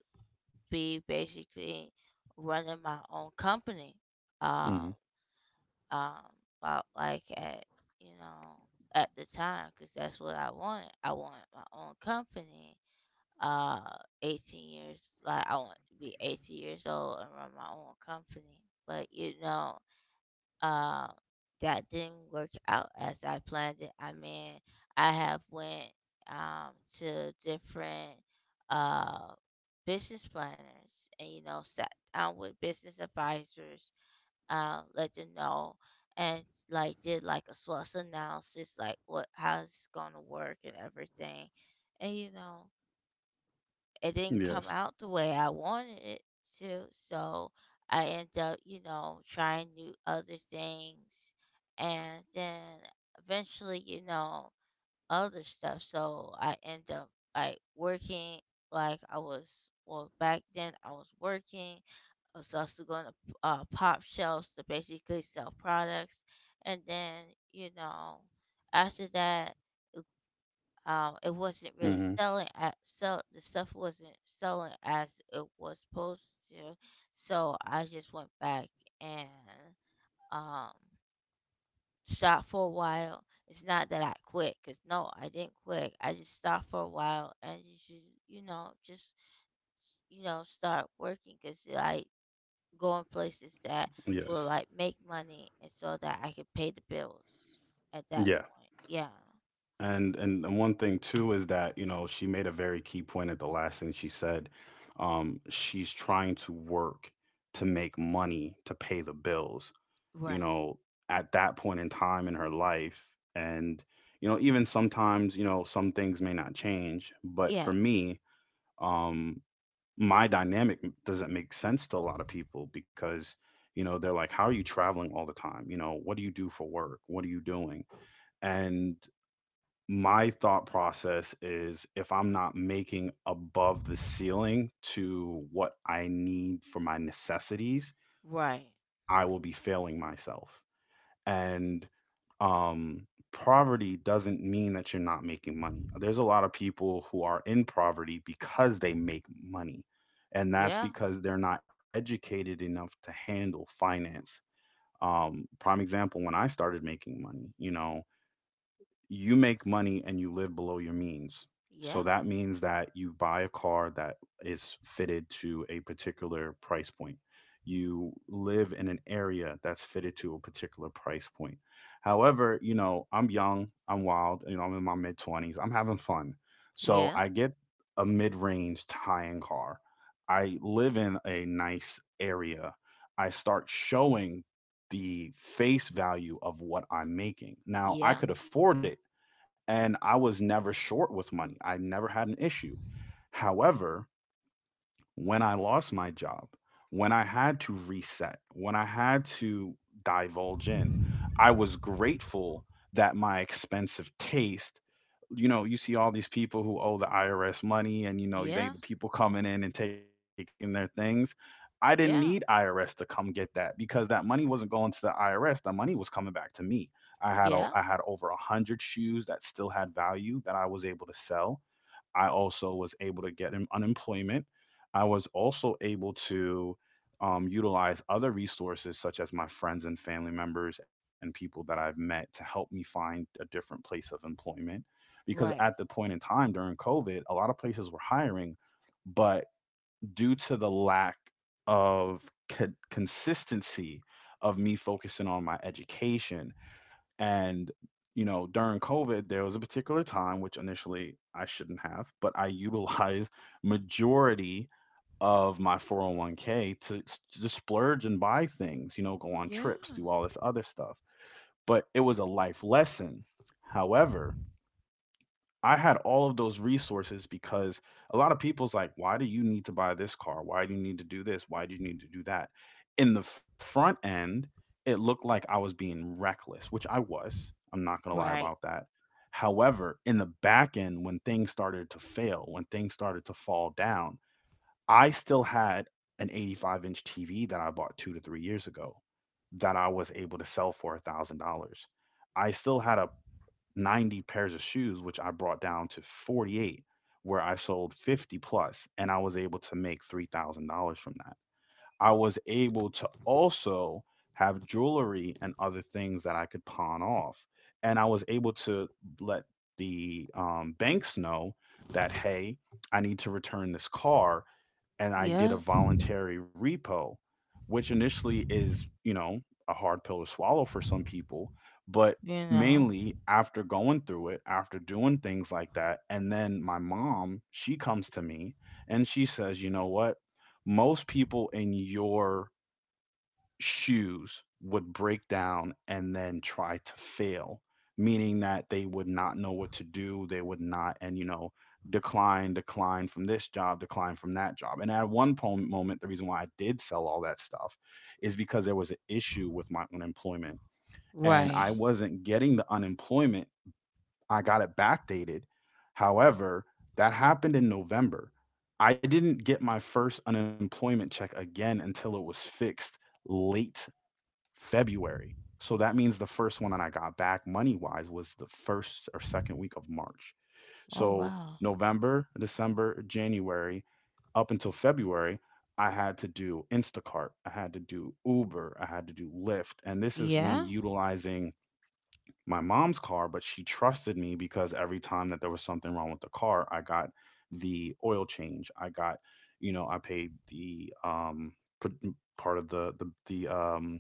[SPEAKER 2] be basically running my own company. Um
[SPEAKER 1] Hmm.
[SPEAKER 2] um about like at, you know, at the time cuz that's what I wanted. I wanted my own company. Uh eighteen years, like I want to be eighteen years old and run my own company. But you know, um that didn't work out as I planned it. I mean, I have went, um to different, uh business planners, and you know, sat down with business advisors, uh, let them know, and like did like a SWOT analysis, like what how's it's gonna work and everything. And you know, it didn't come
[SPEAKER 1] Yes.
[SPEAKER 2] out the way I wanted it to. So I end up, you know, trying new other things, and then eventually, you know, other stuff. So I end up like working, like I was well, back then I was working. I was also going to, uh, pop shelves to basically sell products, and then, you know, after that, um, it wasn't really
[SPEAKER 1] Hmm.
[SPEAKER 2] selling at, sell the stuff wasn't selling as it was supposed to, so I just went back and um stopped for a while. It's not that I quit, cause no, I didn't quit. I just stopped for a while, and you should, you know, just, you know start working, cause like going places that will
[SPEAKER 1] Yes.
[SPEAKER 2] like make money, and so that I could pay the bills at that
[SPEAKER 1] Yeah.
[SPEAKER 2] point. Yeah.
[SPEAKER 1] And and and one thing too is that you know she made a very key point at the last thing she said. Um she's trying to work to make money to pay the bills, you
[SPEAKER 2] Right.
[SPEAKER 1] know, at that point in time in her life. And, you know, even sometimes, you know, some things may not change. But
[SPEAKER 2] Yeah.
[SPEAKER 1] for me, um, my dynamic m- doesn't make sense to a lot of people because, you know, they're like, how are you traveling all the time? You know what do you do for work? What are you doing? And my thought process is if I'm not making above the ceiling to what I need for my necessities,
[SPEAKER 2] Right.
[SPEAKER 1] I will be failing myself.
[SPEAKER 2] Mm.
[SPEAKER 1] And um, poverty doesn't mean that you're not making money. There's a lot of people who are in poverty because they make money, and that's
[SPEAKER 2] Yeah.
[SPEAKER 1] because they're not educated enough to handle finance. Um, prime example, when I started making money, you know, you make money and you live below your means. So
[SPEAKER 2] Yeah.
[SPEAKER 1] that means that you buy a car that is fitted to a particular price point. You live in an area that's fitted to a particular price point. However, you know, I'm young, I'm wild, you know, I'm in my mid twenties, I'm having fun. So
[SPEAKER 2] Yeah.
[SPEAKER 1] I get a mid range high end car. I live in a nice area. I start showing the face value of what I'm making. Now, I
[SPEAKER 2] Yeah.
[SPEAKER 1] could afford it, and I was never short with money. I never had an issue. However, when I lost my job, when I had to reset, when I had to divulge in, I was grateful that my expensive taste, you know, you see all these people who owe the I R S money and, you know, they,
[SPEAKER 2] Yeah.
[SPEAKER 1] the people coming in and taking their things. I didn't need
[SPEAKER 2] Yeah.
[SPEAKER 1] I R S to come get that because that money wasn't going to the I R S. The money was coming back to me. I had a, I
[SPEAKER 2] Yeah.
[SPEAKER 1] had over a hundred shoes that still had value that I was able to sell. I also was able to get em- unemployment. I was also able to um, utilize other resources such as my friends and family members and people that I've met to help me find a different place of employment. Because at the
[SPEAKER 2] Right.
[SPEAKER 1] point in time during COVID, a lot of places were hiring, but due to the lack of co- consistency of me focusing on my education, and, you know, during COVID, there was a particular time, which initially I shouldn't have, but I *laughs* utilized majority of my four oh one k to, to splurge and buy things, you know, go on
[SPEAKER 2] Yeah.
[SPEAKER 1] trips, do all this other stuff. But it was a life lesson. However, I had all of those resources because a lot of people's like, why do you need to buy this car? Why do you need to do this? Why do you need to do that? In the front end, it looked like I was being reckless, which I was. I'm not going to lie
[SPEAKER 2] Right.
[SPEAKER 1] about that. However, in the back end, when things started to fail, when things started to fall down, I still had an eighty-five inch T V that I bought two to three years ago that I was able to sell for a $1,000. I still had a ninety pairs of shoes, which I brought down to forty-eight, where I sold fifty plus, and I was able to make three thousand dollars from that. I was able to also have jewelry and other things that I could pawn off. And I was able to let the um, banks know that, hey, I need to return this car and I did a
[SPEAKER 2] Yeah.
[SPEAKER 1] voluntary repo, which initially is, you know, a hard pill to swallow for some people, but
[SPEAKER 2] You know.
[SPEAKER 1] mainly after going through it, after doing things like that, and then my mom, she comes to me and she says, "You know what? Most people in your shoes would break down and then try to fail, meaning that they would not know what to do. They would not, and you know, decline, decline from this job, decline from that job. And at one po- moment, the reason why I did sell all that stuff is because there was an issue with my unemployment and
[SPEAKER 2] Right.
[SPEAKER 1] I wasn't getting the unemployment. I got it backdated. However, that happened in November. I didn't get my first unemployment check again until it was fixed late February. So that means the first one that I got back money wise was the first or second week of March.
[SPEAKER 2] Oh,
[SPEAKER 1] So
[SPEAKER 2] wow.
[SPEAKER 1] November, December, January, up until February, I had to do Instacart, I had to do Uber, I had to do Lyft. And this is me
[SPEAKER 2] Yeah.
[SPEAKER 1] utilizing my mom's car, but she trusted me because every time that there was something wrong with the car, I got the oil change. I got, you know, I paid the um part of the the the um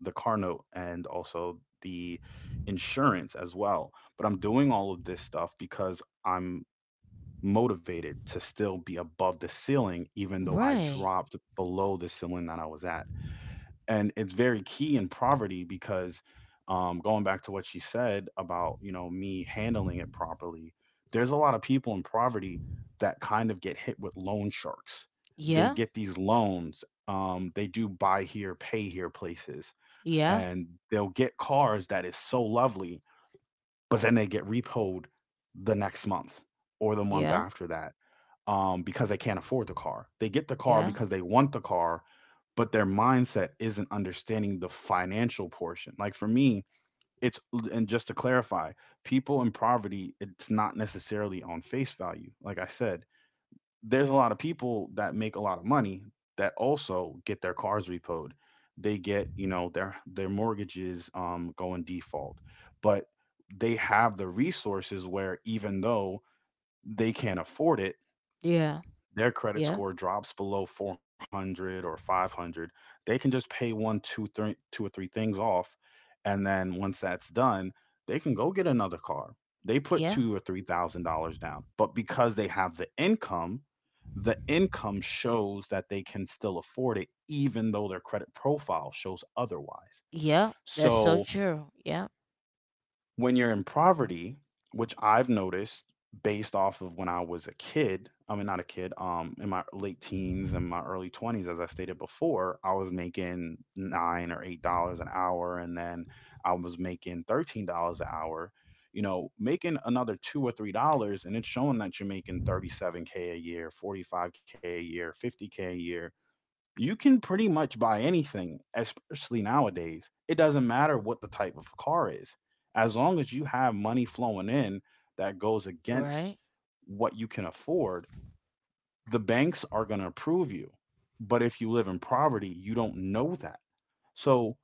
[SPEAKER 1] the car note and also the insurance as well. But I'm doing all of this stuff because I'm motivated to still be above the ceiling, even though I
[SPEAKER 2] Right.
[SPEAKER 1] dropped below the ceiling that I was at, and it's very key in poverty because, um, going back to what she said about, you know, me handling it properly, there's a lot of people in poverty that kind of get hit with loan sharks. They
[SPEAKER 2] Yeah.
[SPEAKER 1] get these loans, um, they do buy here pay here places,
[SPEAKER 2] Yeah.
[SPEAKER 1] and they'll get cars that is so lovely, but then they get repoed the next month or the month
[SPEAKER 2] Yeah.
[SPEAKER 1] after that, um, because they can't afford the car. They get the car
[SPEAKER 2] Yeah.
[SPEAKER 1] because they want the car, but their mindset isn't understanding the financial portion. Like for me, it's, and just to clarify, people in poverty, it's not necessarily on face value. Like I said, there's a lot of people that make a lot of money that also get their cars repoed. They get, you know, their their mortgages um go in default. But they have the resources where even though they can't afford it,
[SPEAKER 2] Yeah.
[SPEAKER 1] their credit
[SPEAKER 2] Yeah.
[SPEAKER 1] score drops below four hundred or five hundred, they can just pay one, two, three, two or three things off, and then once that's done, they can go get another car. They put
[SPEAKER 2] Yeah.
[SPEAKER 1] two or three thousand dollars down, but because they have the income, the income shows that they can still afford it, even though their credit profile shows otherwise.
[SPEAKER 2] Yeah. That's so
[SPEAKER 1] So
[SPEAKER 2] true. Yeah.
[SPEAKER 1] when you're in poverty, which I've noticed based off of when I was a kid, I mean, not a kid, um, in my late teens and my early twenties, as I stated before, I was making nine or eight dollars an hour, and then I was making thirteen dollars an hour. You know, making another two or three dollars, and it's showing that you're making thirty-seven K a year, forty-five K a year, fifty K a year, you can pretty much buy anything, especially nowadays. It doesn't matter what the type of car is. As long as you have money flowing in that goes against
[SPEAKER 2] Right.
[SPEAKER 1] what you can afford, the banks are going to approve you. But if you live in poverty, you don't know that. So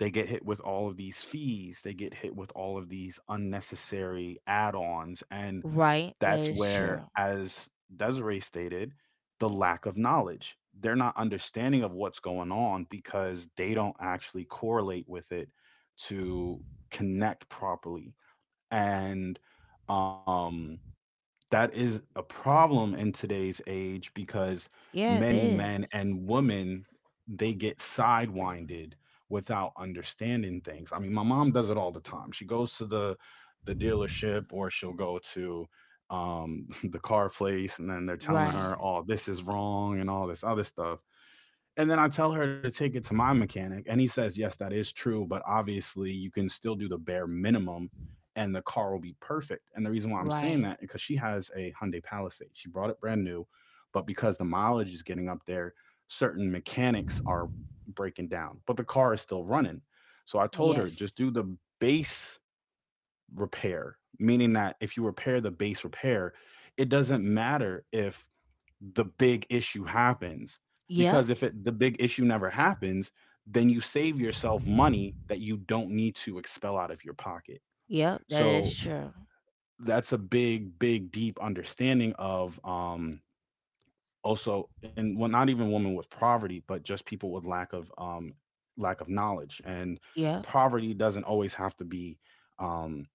[SPEAKER 1] they get hit with all of these fees, they get hit with all of these unnecessary add ons. And
[SPEAKER 2] Right. That
[SPEAKER 1] that's
[SPEAKER 2] is true.
[SPEAKER 1] where, as Desiree stated, the lack of knowledge. They're not understanding of what's going on because they don't actually correlate with it to connect properly. And um, that is a problem in today's age because
[SPEAKER 2] Yeah, it
[SPEAKER 1] many men
[SPEAKER 2] is.
[SPEAKER 1] and women they get sidewinded without understanding things. I mean, my mom does it all the time. She goes to the the dealership or she'll go to um *laughs* the car place and then they're telling
[SPEAKER 2] Right.
[SPEAKER 1] her, "Oh, this is wrong" and all this other stuff, and then I tell her to take it to my mechanic, and he says, "Yes, that is true, but obviously you can still do the bare minimum, and the car will be perfect." And the reason why I'm saying
[SPEAKER 2] Right.
[SPEAKER 1] that is because she has a Hyundai Palisade. She brought it brand new, but because the mileage is getting up there, certain mechanics are breaking down, but the car is still running. So I told her
[SPEAKER 2] Yes.
[SPEAKER 1] just do the base repair, meaning that if you repair the base repair, it doesn't matter if the big issue happens.
[SPEAKER 2] Yeah.
[SPEAKER 1] Because if it, the big issue never happens, then you save yourself money that you don't need to expel out of your pocket.
[SPEAKER 2] Yeah. That is
[SPEAKER 1] So
[SPEAKER 2] true.
[SPEAKER 1] that's a big, big, deep understanding of, um, also, and well, not even women with poverty but just people with lack of, um lack of knowledge. And
[SPEAKER 2] Yeah.
[SPEAKER 1] poverty doesn't always have to be, um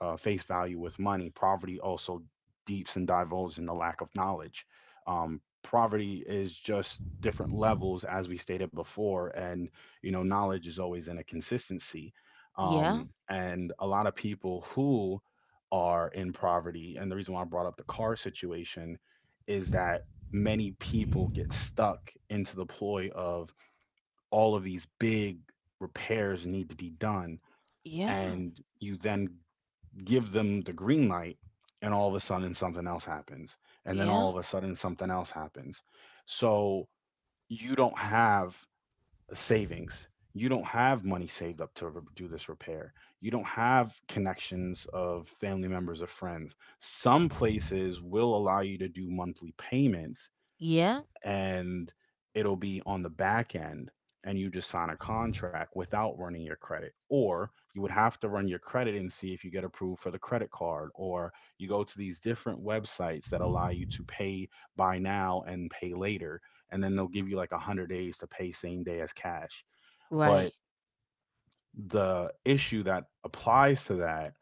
[SPEAKER 1] uh, face value with money. Poverty also deeps and divulges in the lack of knowledge. um poverty is just different levels, as we stated before, and you know knowledge is always in a consistency.
[SPEAKER 2] Yeah.
[SPEAKER 1] um and a lot of people who are in poverty, and the reason why I brought up the car situation is that many people get stuck into the ploy of all of these big repairs need to be done,
[SPEAKER 2] Yeah.
[SPEAKER 1] and you then give them the green light, and all of a sudden something else happens, and then all
[SPEAKER 2] Yeah,
[SPEAKER 1] of a sudden something else happens, so you don't have savings, you don't have money saved up to do this repair, you don't have connections of family members or friends. Some places will allow you to do monthly payments,
[SPEAKER 2] yeah,
[SPEAKER 1] and it'll be on the back end, and you just sign a contract without running your credit, or you would have to run your credit and see if you get approved for the credit card, or you go to these different websites that allow you to pay by now and pay later, and then they'll give you like one hundred days to pay same day as cash.
[SPEAKER 2] right.
[SPEAKER 1] But the issue that applies to that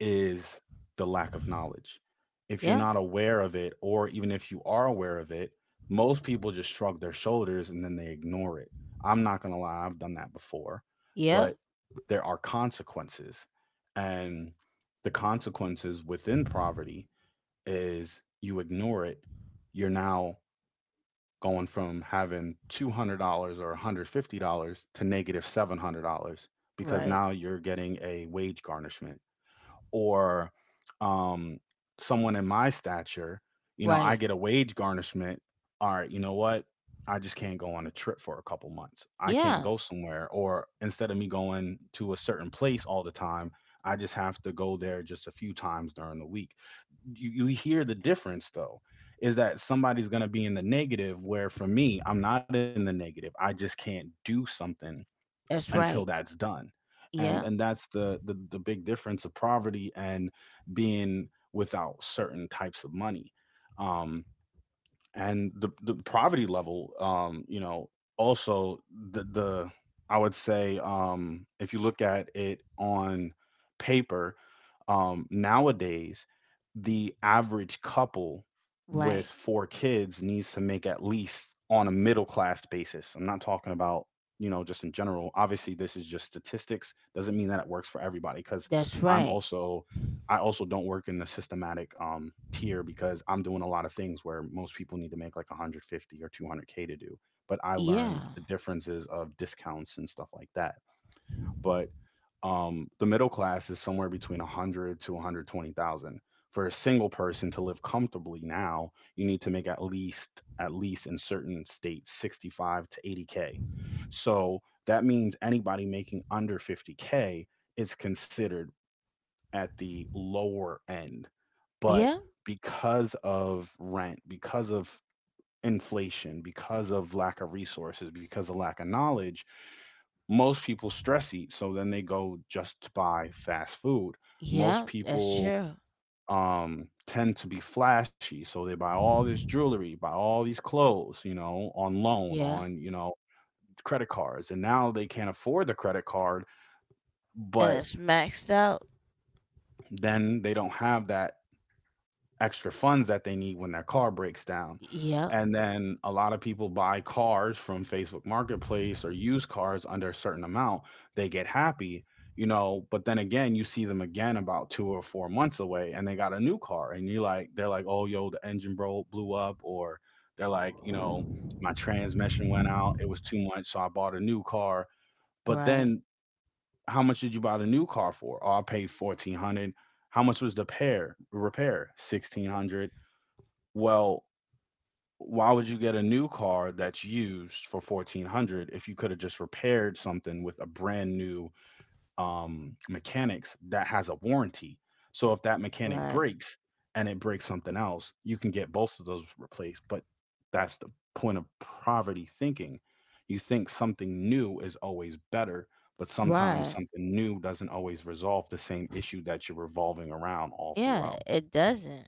[SPEAKER 1] is the lack of knowledge. If you're
[SPEAKER 2] Yeah,
[SPEAKER 1] not aware of it, or even if you are aware of it, most people just shrug their shoulders and then they ignore it. I'm not going to lie, I've done that before,
[SPEAKER 2] yeah,
[SPEAKER 1] but there are consequences. And the consequences within poverty is you ignore it, you're now going from having two hundred dollars or one hundred fifty dollars to negative seven hundred dollars because
[SPEAKER 2] right,
[SPEAKER 1] now you're getting a wage garnishment, or um, someone in my stature, you know, I
[SPEAKER 2] right.
[SPEAKER 1] get a wage garnishment. All right, you know what? I just can't go on a trip for a couple months. I can't
[SPEAKER 2] Yeah,
[SPEAKER 1] go somewhere. Or instead of me going to a certain place all the time, I just have to go there just a few times during the week. You, you hear the difference though, is that somebody's going to be in the negative, where for me, I'm not in the negative. I just can't do something
[SPEAKER 2] that's
[SPEAKER 1] until
[SPEAKER 2] right.
[SPEAKER 1] that's done, and
[SPEAKER 2] Yeah,
[SPEAKER 1] and that's the, the the big difference of poverty and being without certain types of money, um and the the poverty level. Um you know also, the the I would say, um if you look at it on paper, um nowadays the average couple with
[SPEAKER 2] right.
[SPEAKER 1] four kids needs to make at least on a middle class basis. I'm not talking about, you know just in general. Obviously this is just statistics, doesn't mean that it works for everybody, cuz
[SPEAKER 2] That's
[SPEAKER 1] i'm
[SPEAKER 2] right.
[SPEAKER 1] also I also don't work in the systematic um, tier, because I'm doing a lot of things where most people need to make like one hundred fifty or two hundred k to do. But I learned
[SPEAKER 2] Yeah,
[SPEAKER 1] the differences of discounts and stuff like that. But um, the middle class is somewhere between one hundred to one hundred twenty thousand. For a single person to live comfortably now, you need to make at least at least in certain states sixty-five to eighty k. So that means anybody making under fifty k is considered at the lower end. But
[SPEAKER 2] yeah,
[SPEAKER 1] because of rent, because of inflation, because of lack of resources, because of lack of knowledge, most people stress eat. So then they go just to buy fast food. Most
[SPEAKER 2] yeah, that's
[SPEAKER 1] people
[SPEAKER 2] true.
[SPEAKER 1] um tend to be flashy, so they buy all this jewelry, buy all these clothes, you know on loan,
[SPEAKER 2] Yeah,
[SPEAKER 1] on, you know credit cards, and now they can't afford the credit card.
[SPEAKER 2] and
[SPEAKER 1] But
[SPEAKER 2] it's maxed out.
[SPEAKER 1] then they don't have that extra funds that they need when their car breaks down.
[SPEAKER 2] Yeah,
[SPEAKER 1] And then a lot of people buy cars from Facebook Marketplace or use cars under a certain amount. They get happy, you know, but then again, you see them again about two or four months away, and they got a new car. And you like, they're like, oh, yo, the engine bro- blew up. Or they're like, you know, my transmission went out. It was too much, so I bought a new car. But
[SPEAKER 2] right,
[SPEAKER 1] then, how much did you buy the new car for? Oh, I paid fourteen hundred. How much was the pair, repair? sixteen hundred. Well, why would you get a new car that's used for fourteen hundred if you could have just repaired something with a brand new, um, mechanics that has a warranty? So if that mechanic
[SPEAKER 2] right,
[SPEAKER 1] breaks and it breaks something else, you can get both of those replaced. But that's the point of poverty thinking. You think something new is always better, but sometimes
[SPEAKER 2] right.
[SPEAKER 1] something new doesn't always resolve the same issue that you're revolving around all
[SPEAKER 2] Yeah,
[SPEAKER 1] throughout.
[SPEAKER 2] it doesn't.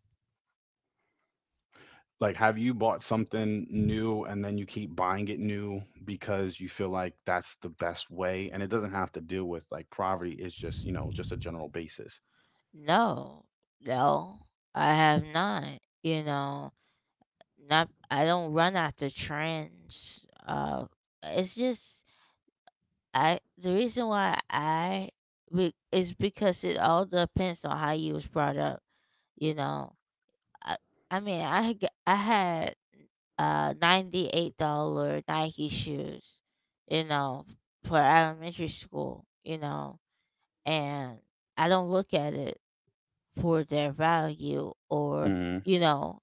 [SPEAKER 1] Like, have you bought something new and then you keep buying it new because you feel like that's the best way? And it doesn't have to deal with like poverty, it's just, you know, just a general basis.
[SPEAKER 2] No, no, I have not. You know, not. I don't run after trends. Uh, it's just, I the reason why, I be, is because it all depends on how you was brought up. You know, I, I mean, I had had uh ninety eight dollar Nike shoes, you know, for elementary school. You know, and I don't look at it for their value, or
[SPEAKER 1] Hmm.
[SPEAKER 2] you know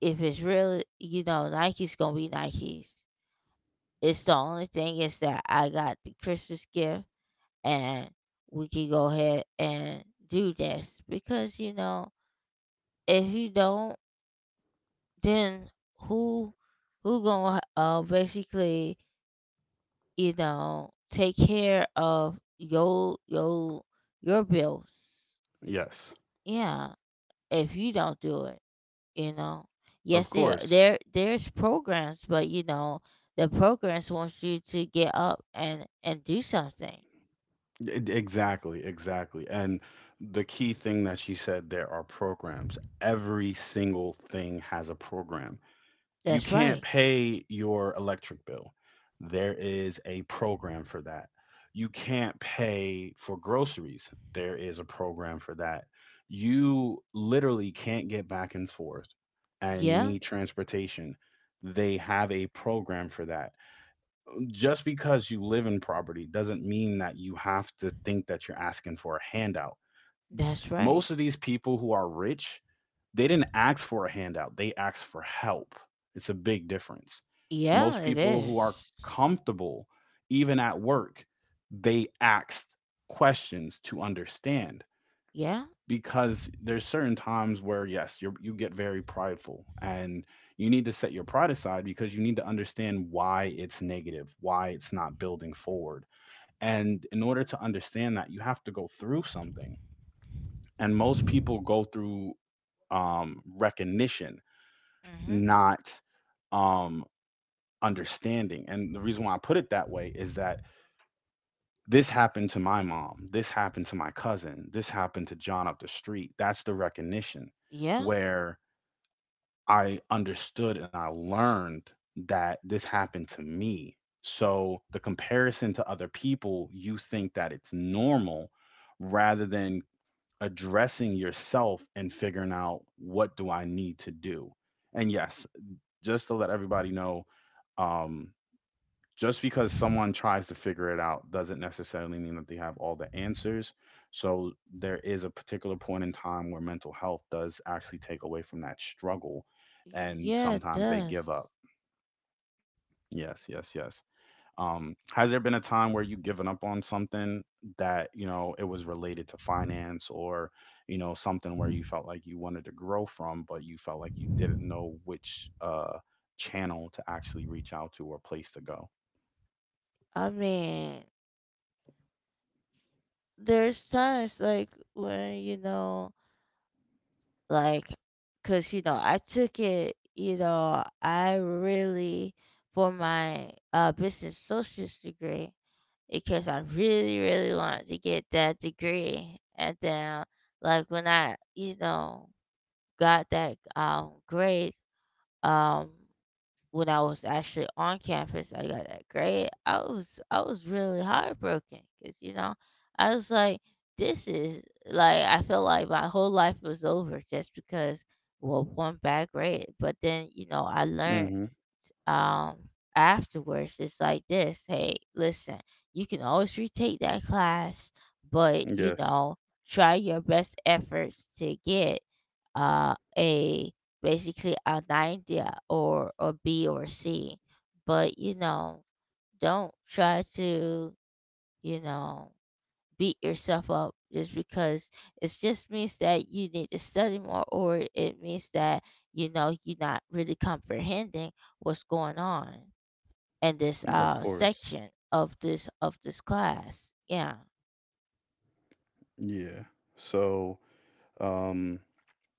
[SPEAKER 2] if it's really, you know Nike's gonna be Nike's. It's the only thing is that I got the Christmas gift, and we can go ahead and do this because, you know if you don't, then who who gonna, uh basically, you know take care of your your your bills.
[SPEAKER 1] Yes,
[SPEAKER 2] Yeah, if you don't do it, you know yes,
[SPEAKER 1] of
[SPEAKER 2] there
[SPEAKER 1] course.
[SPEAKER 2] there there's programs, but you know the programs wants you to get up and and do something.
[SPEAKER 1] E- e-, Exactly, exactly. And the key thing that she said, there are programs. Every single thing has a program. You
[SPEAKER 2] That's
[SPEAKER 1] can't
[SPEAKER 2] right.
[SPEAKER 1] pay your electric bill. There is a program for that. You can't pay for groceries. There is a program for that. You literally can't get back and forth and you
[SPEAKER 2] Yeah.
[SPEAKER 1] need transportation. They have a program for that. Just because you live in property doesn't mean that you have to think that you're asking for a handout.
[SPEAKER 2] That's right.
[SPEAKER 1] Most of these people who are rich, they didn't ask for a handout, they asked for help. It's a big difference.
[SPEAKER 2] Yeah,
[SPEAKER 1] Most
[SPEAKER 2] it
[SPEAKER 1] people who are
[SPEAKER 2] is.
[SPEAKER 1] comfortable, even at work, they asked questions to understand,
[SPEAKER 2] Yeah.
[SPEAKER 1] because there's certain times where, yes, you you get very prideful, and you need to set your pride aside because you need to understand why it's negative, why it's not building forward. And in order to understand that, you have to go through something, and most people go through um, recognition,
[SPEAKER 2] Mm-hmm.
[SPEAKER 1] not um, understanding. And the reason why I put it that way is that this happened to my mom, this happened to my cousin, this happened to John up the street. That's the recognition,
[SPEAKER 2] Yeah.
[SPEAKER 1] where I understood and I learned that this happened to me. So the comparison to other people, you think that it's normal rather than addressing yourself and figuring out what do I need to do. And yes,
[SPEAKER 2] y-
[SPEAKER 1] just to let everybody know, um, just because someone tries to figure it out doesn't necessarily mean that they have all the answers. So there is a particular point in time where mental health does actually take away from that struggle, and
[SPEAKER 2] yeah, it
[SPEAKER 1] sometimes they give
[SPEAKER 2] does.
[SPEAKER 1] up. Yes, yes, yes. Um, has there been a time where you've given up on something that, you know, it was related to finance, or, you know, something where you felt like you wanted to grow from, but you felt like you didn't know which uh channel to actually reach out to, or place to go?
[SPEAKER 2] I mean, there's times like when, you know, like, cause, you know, I took it, you know, I really, for my, uh, business socials degree, because I really, really wanted to get that degree. And then, like, when I, you know, got that, um grade, um, when I was actually on campus, I got that grade. I was I was really heartbroken, because you know I was like, this is like I felt like my whole life was over, just because, well, one bad grade. But then you know I learned,
[SPEAKER 1] Mm-hmm.
[SPEAKER 2] um afterwards, it's like, this, hey, listen, you can always retake that class. But you
[SPEAKER 1] Yes,
[SPEAKER 2] know try your best efforts to get, uh, a basically an idea, or or B or C. But you know, don't try to, you know beat yourself up, just because it just means that you need to study more, or it means that, you know you're not really comprehending what's going on in this
[SPEAKER 1] of
[SPEAKER 2] uh
[SPEAKER 1] course.
[SPEAKER 2] section of this of this class. Yeah.
[SPEAKER 1] Yeah. So, um,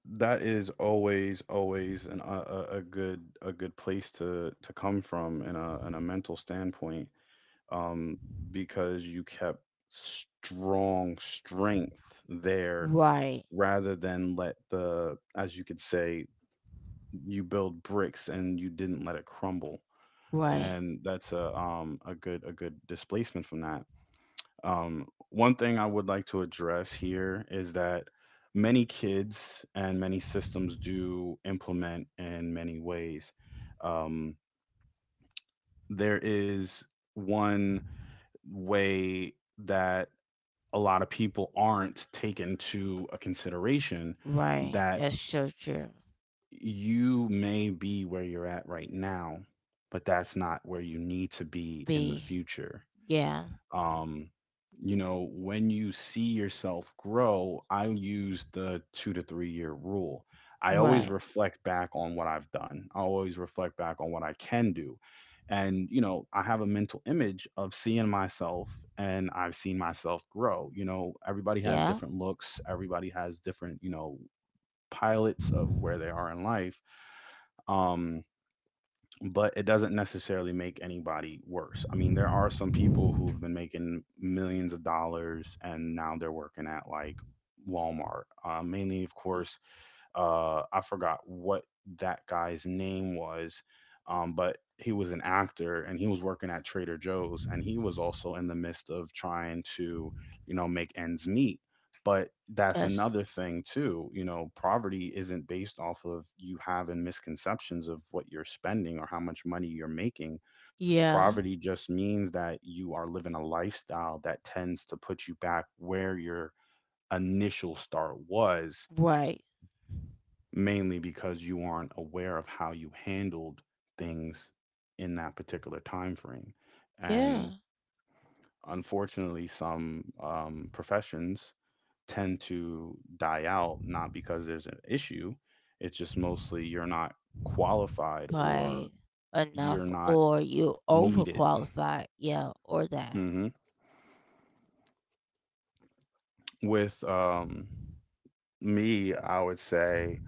[SPEAKER 1] that is always, always an, a, a a good, a good place to to come from in a in a mental standpoint. um, because you kept strong strength there,
[SPEAKER 2] Right.
[SPEAKER 1] rather than let the, as you could say, you build bricks and you didn't let it crumble.
[SPEAKER 2] Right.
[SPEAKER 1] And that's a um, a good a good displacement from that. Um, one thing I would like to address here is that many kids and many systems do implement in many ways. Um, there is one way that a lot of people aren't taken to a consideration,
[SPEAKER 2] Right.
[SPEAKER 1] that
[SPEAKER 2] That's so true.
[SPEAKER 1] you may be where you're at right now, but that's not where you need to be in the
[SPEAKER 2] B.
[SPEAKER 1] future.
[SPEAKER 2] Yeah.
[SPEAKER 1] um you know when you see yourself grow, I use the two to three year rule. I always
[SPEAKER 2] Right.
[SPEAKER 1] reflect back on what I've done, I always reflect back on what I can do, and you know I have a mental image of seeing myself, and I've seen myself grow. You know everybody has
[SPEAKER 2] Yeah.
[SPEAKER 1] different looks, everybody has different, you know pilots of where they are in life. Um but it doesn't necessarily make anybody worse. I mean, there are some people who've been making millions of dollars and now they're working at like Walmart, uh, mainly, of
[SPEAKER 2] y-
[SPEAKER 1] course, uh, I forgot what that guy's name was, um, but he was an actor and he was working at Trader Joe's, and he was also in the midst of trying to, you know, make ends meet. But that's
[SPEAKER 2] That's,
[SPEAKER 1] another thing too. You know, poverty isn't based off of you having misconceptions of what you're spending or how much money you're making.
[SPEAKER 2] yeah.
[SPEAKER 1] Poverty just means that you are living a lifestyle that tends to put you back where your initial start was,
[SPEAKER 2] Right.
[SPEAKER 1] mainly because you aren't aware of how you handled things in that particular time frame. And
[SPEAKER 2] Yeah.
[SPEAKER 1] unfortunately, some um, professions tend to die out, not because there's an issue, it's just mostly you're not qualified or
[SPEAKER 2] Right. Enough,
[SPEAKER 1] you're not
[SPEAKER 2] or you
[SPEAKER 1] needed.
[SPEAKER 2] overqualified. Yeah. Or that.
[SPEAKER 1] Hmm. With um, me, I would say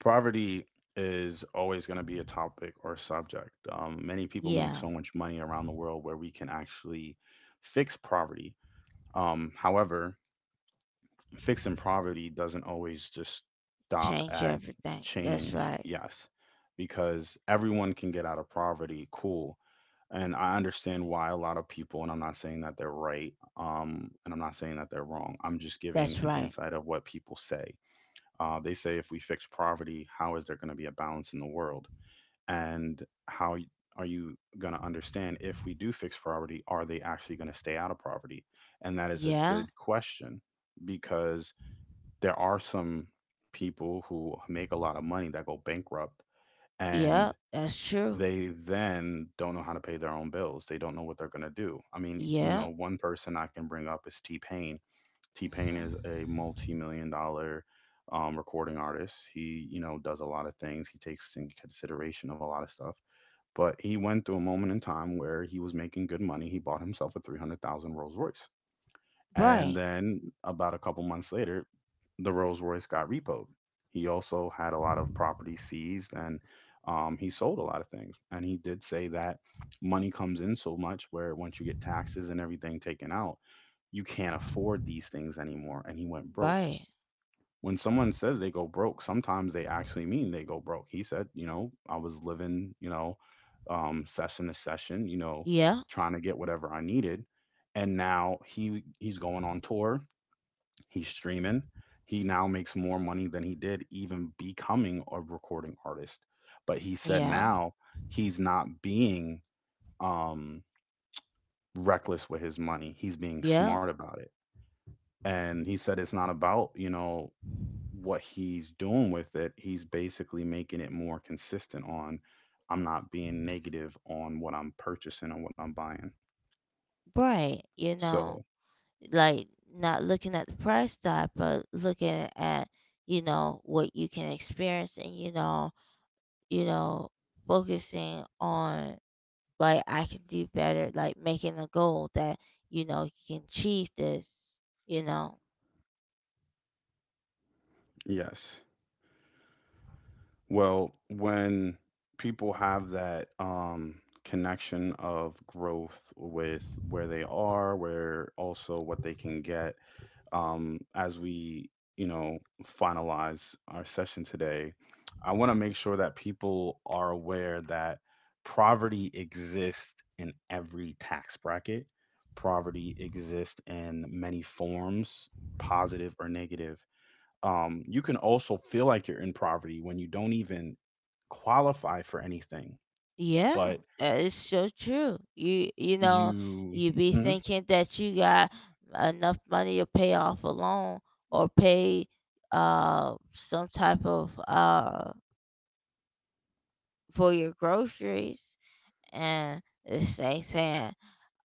[SPEAKER 1] poverty is always going to be a topic or subject. Um, many people make
[SPEAKER 2] Yeah.
[SPEAKER 1] so much money around the world where we can actually fix poverty. Um, however, fixing poverty doesn't always just stop
[SPEAKER 2] Change
[SPEAKER 1] at
[SPEAKER 2] everything. That's
[SPEAKER 1] change,
[SPEAKER 2] right.
[SPEAKER 1] yes, because everyone can get out of poverty, cool. And I understand why a lot of people, and I'm not saying that they're right, um, and I'm not saying that they're wrong. I'm just giving
[SPEAKER 2] That's
[SPEAKER 1] an
[SPEAKER 2] right.
[SPEAKER 1] insight of what people say. Uh, they say, if we fix poverty, how is there going to be a balance in the world? And how, y- are you going to understand, if we do fix poverty, are they actually going to stay out of poverty? And that is a
[SPEAKER 2] Yeah.
[SPEAKER 1] good question, because there are some people who make a lot of money that go bankrupt,
[SPEAKER 2] Yeah.
[SPEAKER 1] and
[SPEAKER 2] That's true.
[SPEAKER 1] they then don't know how to pay their own bills. They don't know what they're going to do. I mean, you
[SPEAKER 2] Yeah.
[SPEAKER 1] know, one person I can bring up is T Pain. T Pain
[SPEAKER 2] Hmm.
[SPEAKER 1] is a multi-million dollar um, recording artist. He, you know, does a lot of things. He takes in consideration of a lot of stuff. But he went through a moment in time where he was making good money. He bought himself a three hundred thousand Rolls Royce. And
[SPEAKER 2] Right.
[SPEAKER 1] then about a couple months later, the Rolls Royce got repoed. He also had a lot of property seized, and um, he sold a lot of things. And he did say that money comes in so much where, once you get taxes and everything taken out, you can't afford these things anymore. And he went broke.
[SPEAKER 2] Right.
[SPEAKER 1] When someone says they go broke, sometimes they actually mean they go broke. He said, you know, I was living, you know, um, session to session, you know,
[SPEAKER 2] Yeah.
[SPEAKER 1] trying to get whatever I needed, and now he he's going on tour. He's streaming. He now makes more money than he did even becoming a recording artist. But he said,
[SPEAKER 2] Yeah.
[SPEAKER 1] now he's not being um, reckless with his money. He's being
[SPEAKER 2] Yeah.
[SPEAKER 1] smart about it. And he said it's not about you know what he's doing with it, he's basically making it more consistent on, I'm not being negative on what I'm purchasing and what I'm buying.
[SPEAKER 2] Right. You
[SPEAKER 1] So,
[SPEAKER 2] know. Like, not looking at the price tag, but looking at, you know what you can experience, and, you know you know focusing on, like, I can do better, like making a goal that, you know you can achieve this, you know
[SPEAKER 1] yes. Well, when people have that um, connection of growth with where they are, where also what they can get, um, as we, you know, finalize our session today, I want to make sure that people are aware that poverty exists in every tax bracket. Poverty exists in many forms, positive or negative. Um, you can also feel like you're in poverty when you don't even qualify for anything,
[SPEAKER 2] yeah,
[SPEAKER 1] but
[SPEAKER 2] that is so true. You you know,
[SPEAKER 1] you.
[SPEAKER 2] you be
[SPEAKER 1] Mhm.
[SPEAKER 2] thinking that you got enough money to pay off a loan, or pay, uh some type of, uh for your groceries, and it's, say saying,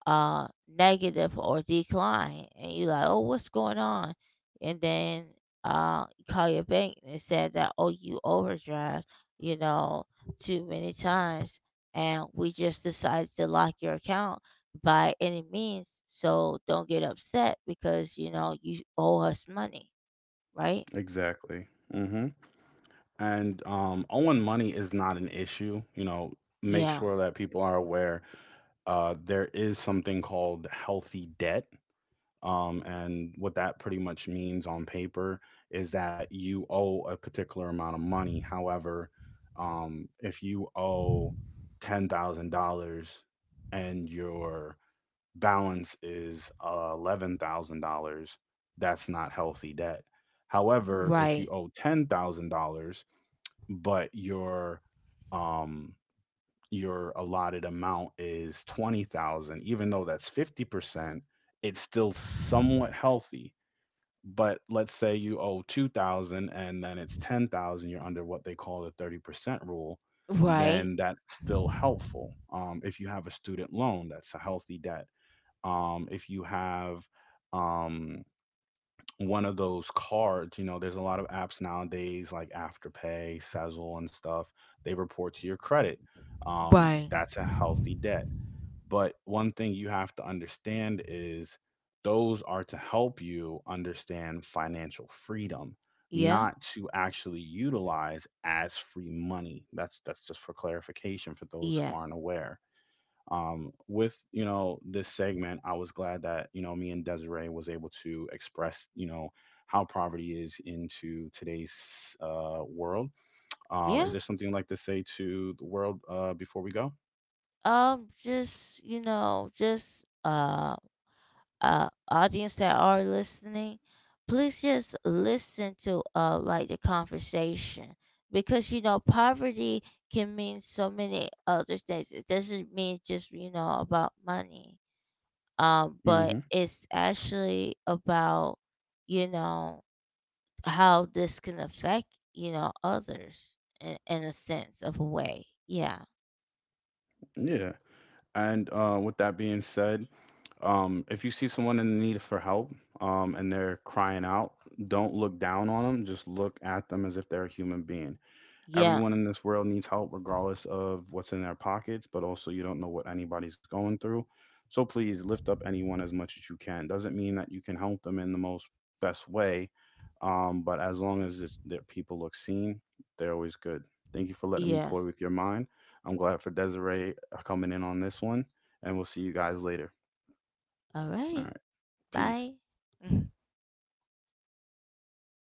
[SPEAKER 2] uh negative or decline, and you like, oh, what's going on? And then uh you call your bank, and it said that, oh, you overdraft, you know too many times, and we just decided to lock your account by any means, so don't get upset because you know you owe us money, right?
[SPEAKER 1] Exactly. Mm-hmm. And um, owing money is not an issue. You know, make
[SPEAKER 2] Yeah,
[SPEAKER 1] sure that people are aware, uh, there is something called healthy debt. Um, and what that pretty much means on paper is that you owe a particular amount of money. However, um, if you owe ten thousand dollars and your balance is eleven thousand dollars that's not healthy debt. However, if you
[SPEAKER 2] right,
[SPEAKER 1] owe ten thousand dollars but your um your allotted amount is twenty thousand, even though that's fifty percent, it's still somewhat healthy. But let's say you owe two thousand and then it's ten thousand, you're under what they call the thirty percent rule,
[SPEAKER 2] right,
[SPEAKER 1] then that's still helpful. Um if you have a student loan, that's a healthy debt. Um if you have um one of those cards. You know, there's a lot of apps nowadays like Afterpay, Sezzle, and stuff. They report to your credit. Um,
[SPEAKER 2] right,
[SPEAKER 1] that's a healthy debt. But one thing you have to understand is those are to help you understand financial freedom,
[SPEAKER 2] yeah,
[SPEAKER 1] not to actually utilize as free money. That's that's just for clarification for those who
[SPEAKER 2] yeah,
[SPEAKER 1] aren't aware. Um, with you know this segment, I was glad that you know me and Desiree was able to express, you know how poverty is into today's uh, world. Um, is
[SPEAKER 2] yeah.
[SPEAKER 1] there something you'd like to say to the world uh, before we go?
[SPEAKER 2] Um, just you know, just uh, uh, audience that are listening, please just listen to, uh, like, the conversation, because you know poverty can mean so many other things. It doesn't mean just you know about money. Um, but
[SPEAKER 1] Hmm.
[SPEAKER 2] it's actually about, you know how this can affect, you know others, in, in a sense of a way. Yeah,
[SPEAKER 1] Yeah. And uh, with that being said, um, if you see someone in need for help, um, and they're crying out, don't look down on them, just look at them as if they're a human being.
[SPEAKER 2] yeah,
[SPEAKER 1] Everyone in this world needs help, regardless of what's in their pockets. But also, you don't know what anybody's going through, so please lift up anyone as much as you can. Doesn't mean that you can help them in the most best way, um, but as long as it's, that people look seen, they're always good. Thank you for letting me
[SPEAKER 2] yeah.
[SPEAKER 1] coy with your mind. I'm glad for Desiree uh, coming in on this one, and we'll see you guys later.
[SPEAKER 2] All
[SPEAKER 1] All
[SPEAKER 2] right.
[SPEAKER 1] right. Peace.
[SPEAKER 2] Bye. *laughs*